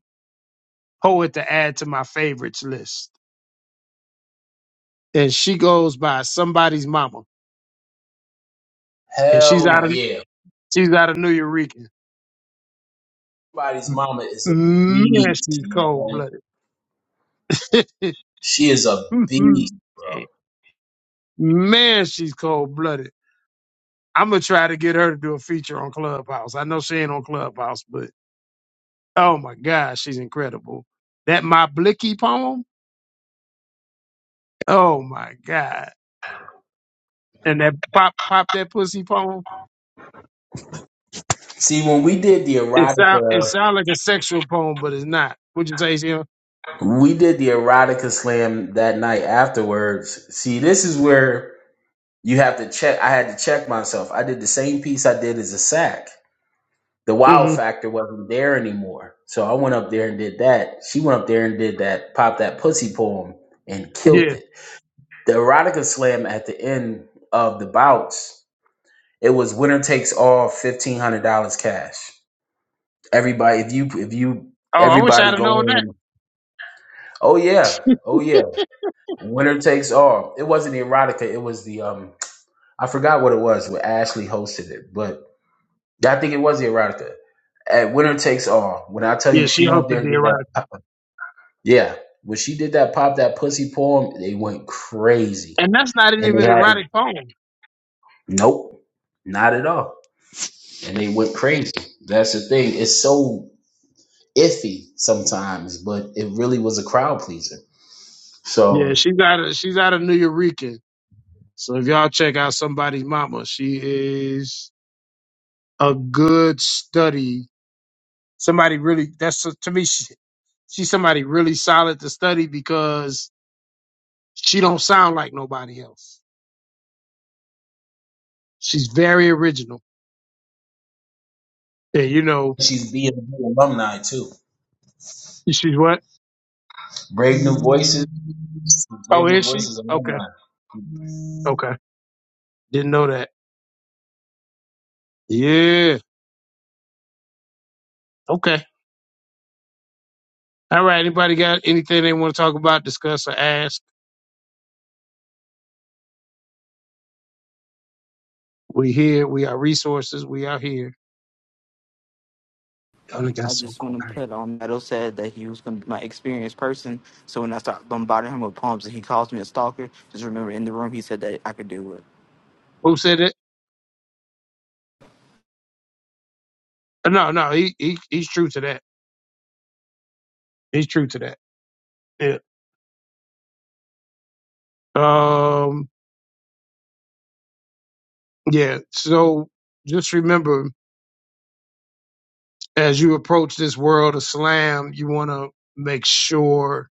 Speaker 1: poet to add to my favorites list, and she goes by somebody's mama, and she's
Speaker 2: Hell
Speaker 1: out of
Speaker 2: yeah.
Speaker 1: she's out of New Eureka.
Speaker 2: Everybody's mama is a
Speaker 1: Man,
Speaker 2: beast,
Speaker 1: she's cold
Speaker 2: man.
Speaker 1: blooded. <laughs>
Speaker 2: She is a beast, bro.
Speaker 1: Man, she's cold blooded. I'm gonna try to get her to do a feature on Clubhouse. I know she ain't on Clubhouse, but oh my gosh, she's incredible. That my Blicky poem Oh my God. And that pop pop that pussy poem.
Speaker 2: See, when we did the
Speaker 1: It sound it
Speaker 2: erotica,
Speaker 1: sound like a sexual poem, but it's not. Would you say, Jim?
Speaker 2: we did the erotica slam that night afterwards. See, this is where you have to check. I had to check myself. I did the same piece I did as a sack. the wow
Speaker 1: Mm-hmm.
Speaker 2: factor wasn't there anymore. So I went up there and did that. She went up there and did that, pop that pussy poem and killed
Speaker 1: Yeah.
Speaker 2: it. The erotica slam at the end of the bouts, it was winner takes all fifteen hundred dollars cash. Everybody if you if you
Speaker 1: Oh, I wish I'd
Speaker 2: everybody
Speaker 1: have
Speaker 2: go
Speaker 1: known that.
Speaker 2: in, oh yeah, oh yeah. Winner takes all. It wasn't the erotica, it was the um I forgot what it was where Ashley hosted it, but I think it was the erotica. At winner takes all. When I tell you
Speaker 1: Yeah,
Speaker 2: she
Speaker 1: she
Speaker 2: went up there
Speaker 1: hosted
Speaker 2: and
Speaker 1: the
Speaker 2: did
Speaker 1: erotic,
Speaker 2: that Yeah, when she did that pop that pussy poem, they went crazy,
Speaker 1: and that's not
Speaker 2: and
Speaker 1: even
Speaker 2: they
Speaker 1: an
Speaker 2: had
Speaker 1: erotic poem.
Speaker 2: nope, not at all, and they went crazy. That's the thing. It's so iffy sometimes, but it really was a crowd pleaser.
Speaker 1: Yeah,
Speaker 2: So
Speaker 1: she's out of she's out of New Eureka. So if y'all check out somebody's mama, she is a good study. Somebody really that's to me she, she's somebody really solid to study because she don't sound like nobody else. She's very original Yeah, you know,
Speaker 2: she's being alumni too.
Speaker 1: she's what?
Speaker 2: Brave New Voices,
Speaker 1: Oh,
Speaker 2: Brave New
Speaker 1: is she?
Speaker 2: Voices
Speaker 1: Okay,
Speaker 2: alumni.
Speaker 1: okay. Didn't know that. Yeah, okay. All right. Anybody got anything they want to talk about, discuss, or ask? We here. We are resources. We out here. Oh, it got
Speaker 8: I
Speaker 1: so
Speaker 8: just want to
Speaker 1: quiet.
Speaker 8: put on Meadow said that he was going to be my experienced person. So when I start bombarding him with poems and he calls me a stalker, just remember in the room he said that I could do it.
Speaker 1: Who said it? Uh, No, no. He, he he's true to that. He's true to that. Yeah. Um. Yeah. So just remember, as you approach this world of slam, you want to make sure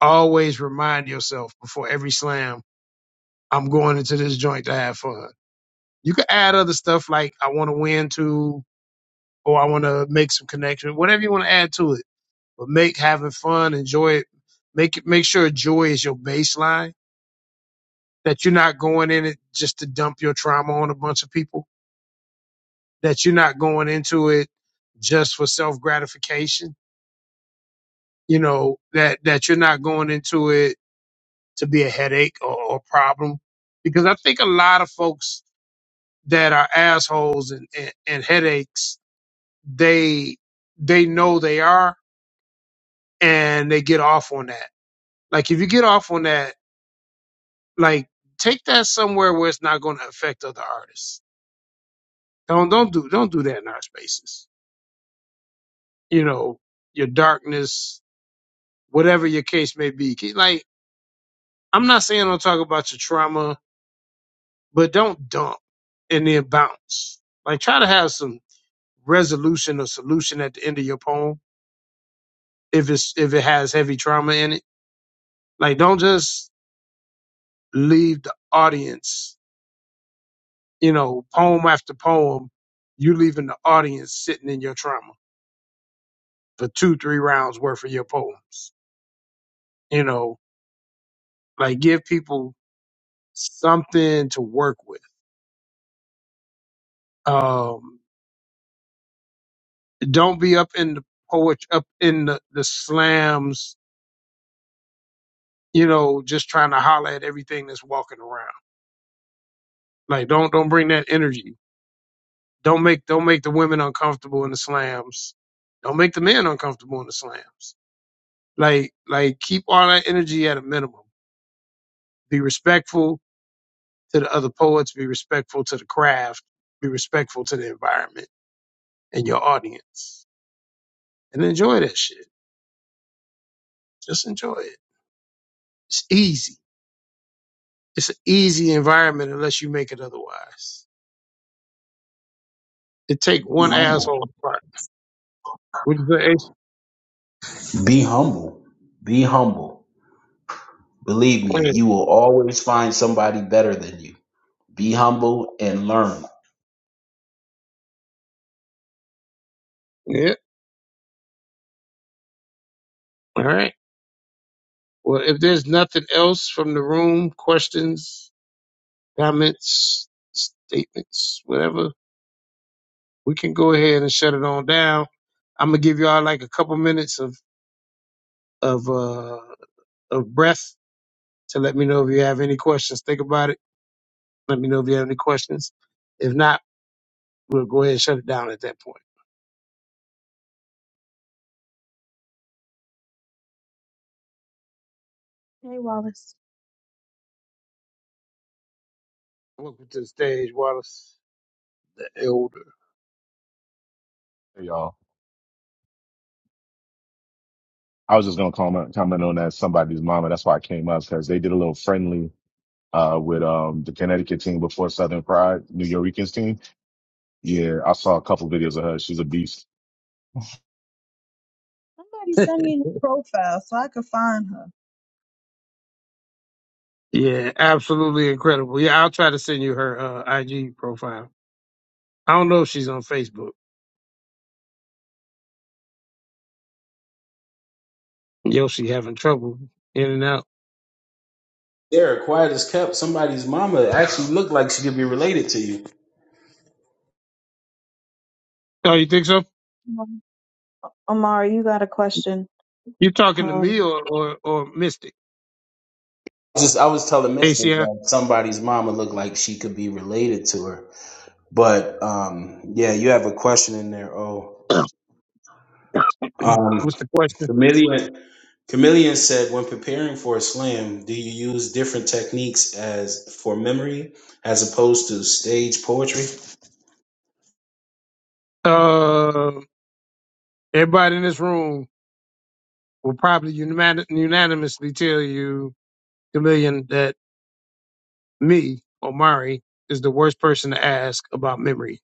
Speaker 1: always remind yourself before every slam I'm going into this joint to have fun. You could add other stuff like I want to win too, or I want to make some connection, whatever you want to add to it. But make having fun, enjoy it. Make it make sure joy is your baseline. That you're not going in it just to dump your trauma on a bunch of people. That you're not going into it just for self gratification. You know that that you're not going into it to be a headache or, or problem. Because I think a lot of folks that are assholes and, and, and headaches they they know they are and they get off on that. Like if you get off on that, like take that somewhere where it's not going to affect other artists. Don't don't do don't do that in our spaces. You know your darkness, whatever your case may be. Like I'm not saying don't talk about your trauma, but don't dump and then bounce. Like try to have some resolution or solution at the end of your poem if it's if it has heavy trauma in it. Like don't just leave the audience you know, poem after poem, you leaving the audience sitting in your trauma for two, three rounds worth of your poems. You know, like give people something to work with. Um, don't be up in the poet, up in the, the slams, you know, just trying to holler at everything that's walking around. Like don't, don't bring that energy. Don't make, don't make the women uncomfortable in the slams. Don't make the men uncomfortable in the slams. Like, like keep all that energy at a minimum. Be respectful to the other poets, be respectful to the craft, be respectful to the environment and your audience, and enjoy that shit. Just enjoy it. It's easy. It's an easy environment unless you make it otherwise. It take
Speaker 2: Be
Speaker 1: one asshole
Speaker 2: humble.
Speaker 1: apart. Would you say, Ace?
Speaker 2: Be humble. Be humble. Believe me,
Speaker 1: Yeah.
Speaker 2: you will always find somebody better than you. Be humble and learn.
Speaker 1: Yeah. All right. Well, if there's nothing else from the room, questions, comments, statements, whatever, we can go ahead and shut it on down. I'm gonna give y'all like a couple minutes of of uh of breath to let me know if you have any questions. Think about it. Let me know if you have any questions. If not, we'll go ahead and shut it down at that point.
Speaker 5: Hey, Wallace,
Speaker 1: Welcome to the stage, Wallace the Elder.
Speaker 9: Hey, y'all. I was just gonna comment comment on that somebody's mama. That's why I came up because they did a little friendly uh with um the Connecticut team before Southern Pride, New Yorkers team. Yeah, I saw a couple videos of her. She's a beast.
Speaker 5: somebody send me her profile so I could find her.
Speaker 1: Yeah, absolutely incredible. Yeah, I'll try to send you her uh, IG profile. I don't know if she's on Facebook. Yoshi having trouble in and out.
Speaker 2: Derek, quiet as kept. Somebody's mama actually looked like she could be related to you.
Speaker 1: Oh, you think so?
Speaker 5: Um, Amari, you got a question?
Speaker 1: You talking to
Speaker 5: Um,
Speaker 1: me or or, or Mystic?
Speaker 2: Just I was telling Mister
Speaker 1: ACI?
Speaker 2: that somebody's mama looked like she could be related to her. But um, yeah, you have a question in there. Oh,
Speaker 1: <clears throat> What's
Speaker 2: um,
Speaker 1: the question?
Speaker 2: chameleon. Chameleon said, when preparing for a slam, do you use different techniques as for memory as opposed to stage poetry?
Speaker 1: Uh, everybody in this room will probably unani- unanimously tell you, Chameleon, that me, Omari, is the worst person to ask about memory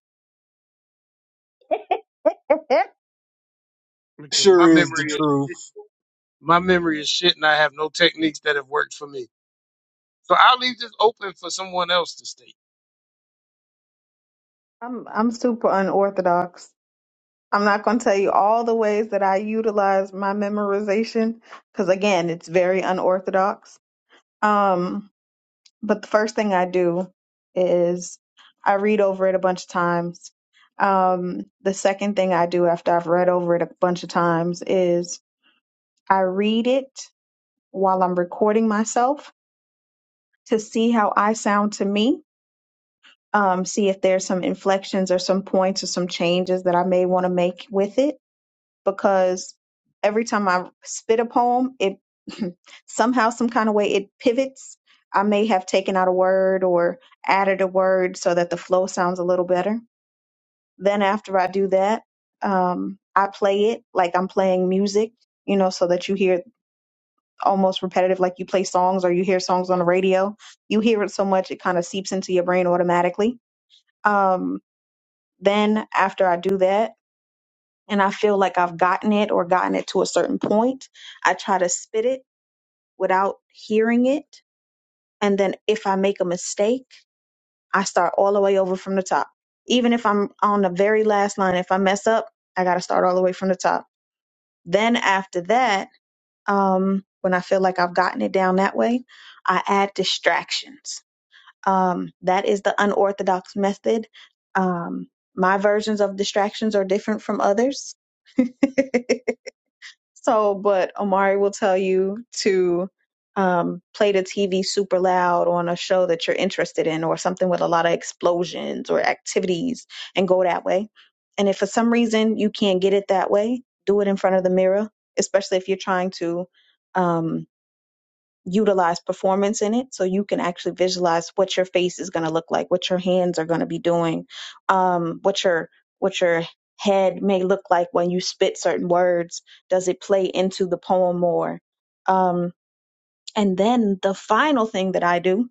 Speaker 1: because
Speaker 6: Sure
Speaker 1: my
Speaker 6: is the
Speaker 1: memory is
Speaker 6: truth.
Speaker 1: shit- my memory is shit, and I have no techniques that have worked for me. So I'll leave this open for someone else to state.
Speaker 5: I'm I'm super unorthodox. I'm not going to tell you all the ways that I utilize my memorization because again, it's very unorthodox. Um, but the first thing I do is I read over it a bunch of times. Um, the second thing I do after I've read over it a bunch of times is I read it while I'm recording myself to see how I sound to me. Um, see if there's some inflections or some points or some changes that I may want to make with it because every time I spit a poem, it <laughs> somehow, some kind of way, it pivots. I may have taken out a word or added a word so that the flow sounds a little better. Then after I do that, um, I play it like I'm playing music, you know, so that you hear almost repetitive, like you play songs or you hear songs on the radio. You hear it so much, it kind of seeps into your brain automatically. Um, then after I do that, and I feel like I've gotten it or gotten it to a certain point, I try to spit it without hearing it. And then if I make a mistake, I start all the way over from the top. Even if I'm on the very last line, if I mess up, I got to start all the way from the top. Then after that, um, when I feel like I've gotten it down that way, I add distractions. Um, that is the unorthodox method. Um, my versions of distractions are different from others. <laughs> So, but Omari will tell you to um, play the TV super loud on a show that you're interested in or something with a lot of explosions or activities and go that way. And if for some reason you can't get it that way, do it in front of the mirror, especially if you're trying to. Um, utilize performance in it so you can actually visualize what your face is going to look like what your hands are going to be doing um, what your what your head may look like when you spit certain words does it play into the poem more um, and then the final thing that i do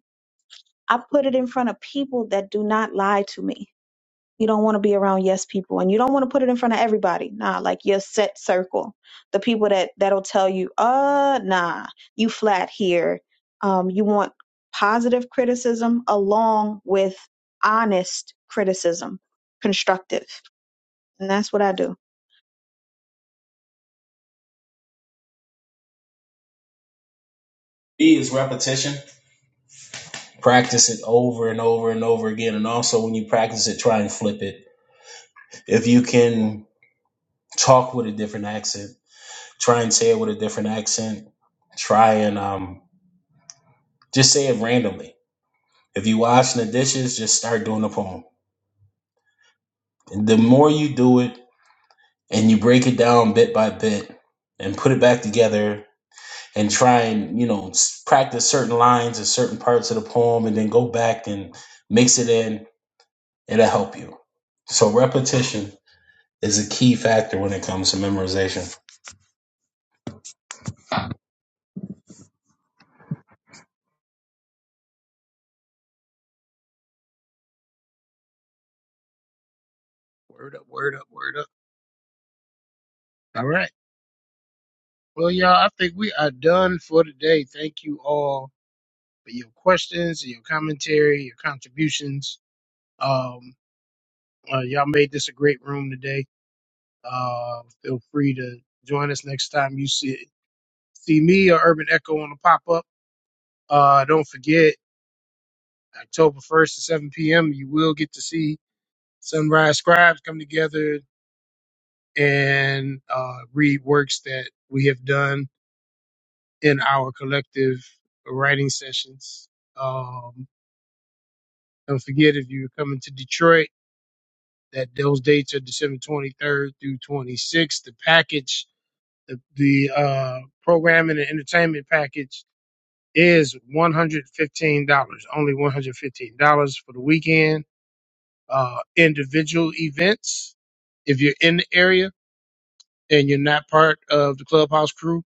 Speaker 5: i put it in front of people that do not lie to me you don't want to be around yes people and you don't want to put it in front of everybody. Nah, like your set circle. The people that that'll tell you, "Uh, nah, you flat here." Um you want positive criticism along with honest criticism, constructive. And that's what I do.
Speaker 2: B is repetition. Practice it over and over and over again, and also when you practice it, try and flip it. If you can talk with a different accent. Try and say it with a different accent. Try and um, just say it randomly. If you washing the dishes, just start doing the poem. And the more you do it and you break it down bit by bit and put it back together and try and, you know, s- practice certain lines and certain parts of the poem and then go back and mix it in, it'll help you. So repetition is a key factor when it comes to memorization.
Speaker 1: Word up, word up, word up. All right. Well, y'all, I think we are done for today. Thank you all for your questions, your commentary, your contributions. Um, uh, y'all made this a great room today. Uh, feel free to join us next time you see see me or Urban Echo on the pop up. Uh, don't forget, October 1st at 7 p.m., you will get to see Sunrise Scribes come together and uh, read works that we have done in our collective writing sessions. Um, don't forget, if you're coming to Detroit, that those dates are December 23rd through 26th. The package, the, the uh, programming and entertainment package is $115, only $115 for the weekend uh, individual events. If you're in the area and you're not part of the clubhouse crew,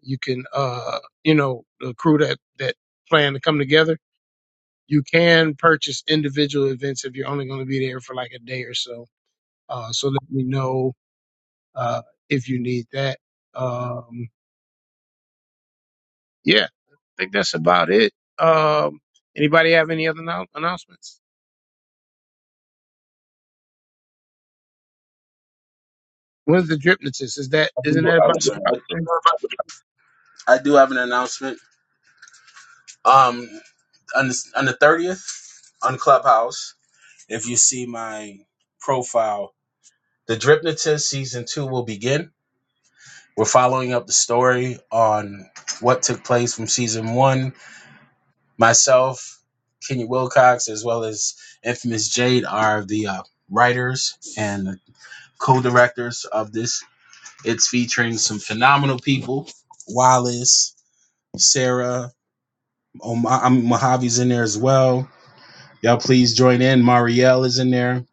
Speaker 1: you can, uh, you know, the crew that, that plan to come together, you can purchase individual events if you're only going to be there for like a day or so. Uh, so let me know, uh, if you need that. Um, yeah, I think that's about it. Um, anybody have any other annou- announcements? When's the dripnotist? Is that,
Speaker 2: I
Speaker 1: isn't
Speaker 2: do-
Speaker 1: that
Speaker 2: I'm
Speaker 1: about the
Speaker 2: sorry.
Speaker 1: drop?
Speaker 2: I I do have an announcement. Um, on the on the thirtieth on Clubhouse. If you see my profile, the Dripnotist season two will begin. We're following up the story on what took place from season one. Myself, Kenya Wilcox, as well as Infamous Jade are the uh, writers and co-directors of this. It's featuring some phenomenal people: Wallace, Sarah, Oma- I mean, Mojave's in there as well Y'all please join in. Marielle is in there.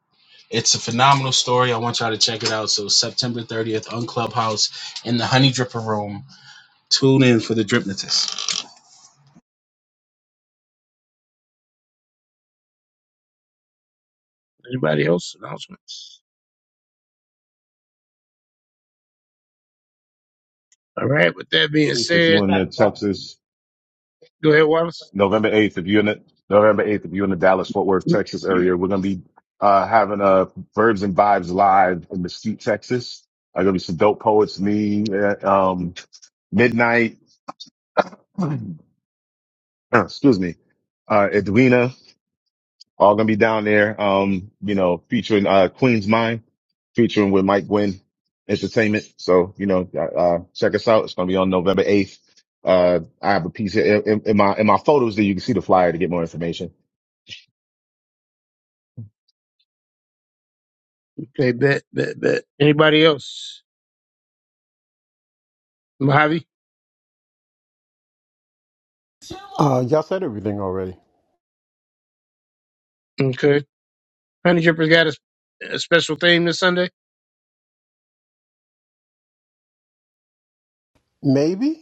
Speaker 2: It's a phenomenal story. I want y'all to check it out. So September 30th on Clubhouse in the Honey Dripper Room. Tune in for the Dripnotist.
Speaker 1: Anybody else announcements? All right. With that being
Speaker 9: Eighth, if
Speaker 1: said,
Speaker 9: you're in the Texas,
Speaker 1: go ahead, Wallace.
Speaker 9: November eighth, if you're in the November eighth, if you're in the Dallas Fort Worth, Texas area, we're gonna be uh having uh verbs and vibes live in Mesquite, Texas. I gonna be some dope poets, me, uh, um, midnight. <clears throat> excuse me, uh, Edwina. All gonna be down there. Um, you know, featuring uh Queen's Mind, featuring with Mike Gwynn Entertainment. So you know, uh, uh, check us out. It's gonna be on November eighth. Uh, I have a piece here in, in in my in my photos that you can see the flyer to get more information.
Speaker 1: Okay, bet, bet, bet. Anybody else? Mojave?
Speaker 7: Uh, y'all said everything already.
Speaker 1: Okay. Honey Drippers got a, a special theme this Sunday?
Speaker 7: Maybe.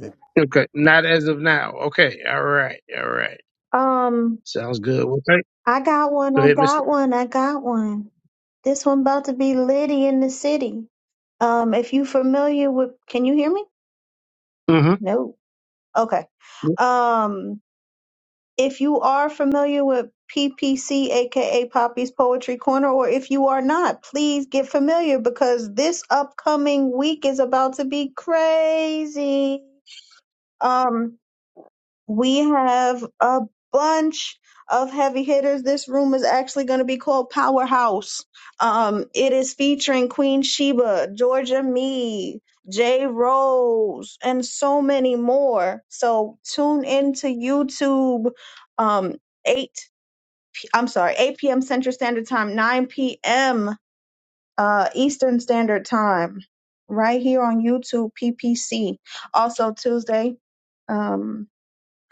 Speaker 7: <laughs>
Speaker 1: Okay. Not as of now. Okay. All right. All right.
Speaker 5: Um,
Speaker 1: Sounds good. Okay.
Speaker 5: I got one.
Speaker 1: Go
Speaker 5: I
Speaker 1: ahead, Mister.
Speaker 5: got one. I got one. This one about to be Liddy in the city. Um, if you familiar with, can you hear me?
Speaker 1: Mm-hmm.
Speaker 5: No. Okay. Um, if you are familiar with PPC, aka Poppy's Poetry Corner, or if you are not, please get familiar because this upcoming week is about to be crazy. Um, we have a bunch of heavy hitters. This room is actually going to be called Powerhouse. Um, it is featuring Queen Sheba, Georgia Me, Jay Rose, and so many more. So tune into YouTube. Um, eight. I'm sorry, 8 p.m. Central Standard Time, 9 p.m. Uh, Eastern Standard Time, right here on YouTube PPC. Also Tuesday. Um,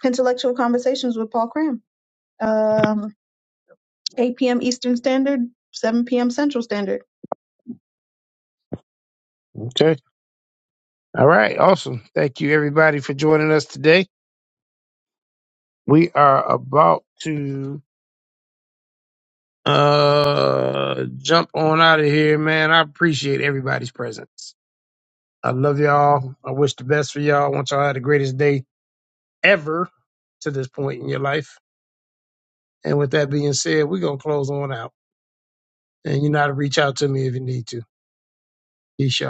Speaker 5: Intellectual Conversations with Paul Cram. Um, 8 p.m. Eastern Standard, 7 p.m. Central Standard.
Speaker 1: Okay. All right. Awesome. Thank you, everybody, for joining us today. We are about to uh jump on out of here, man. I appreciate everybody's presence. I love y'all. I wish the best for y'all. I want y'all to have the greatest day ever to this point in your life. And with that being said, we're going to close on out. And you know how to reach out to me if you need to. Peace, y'all.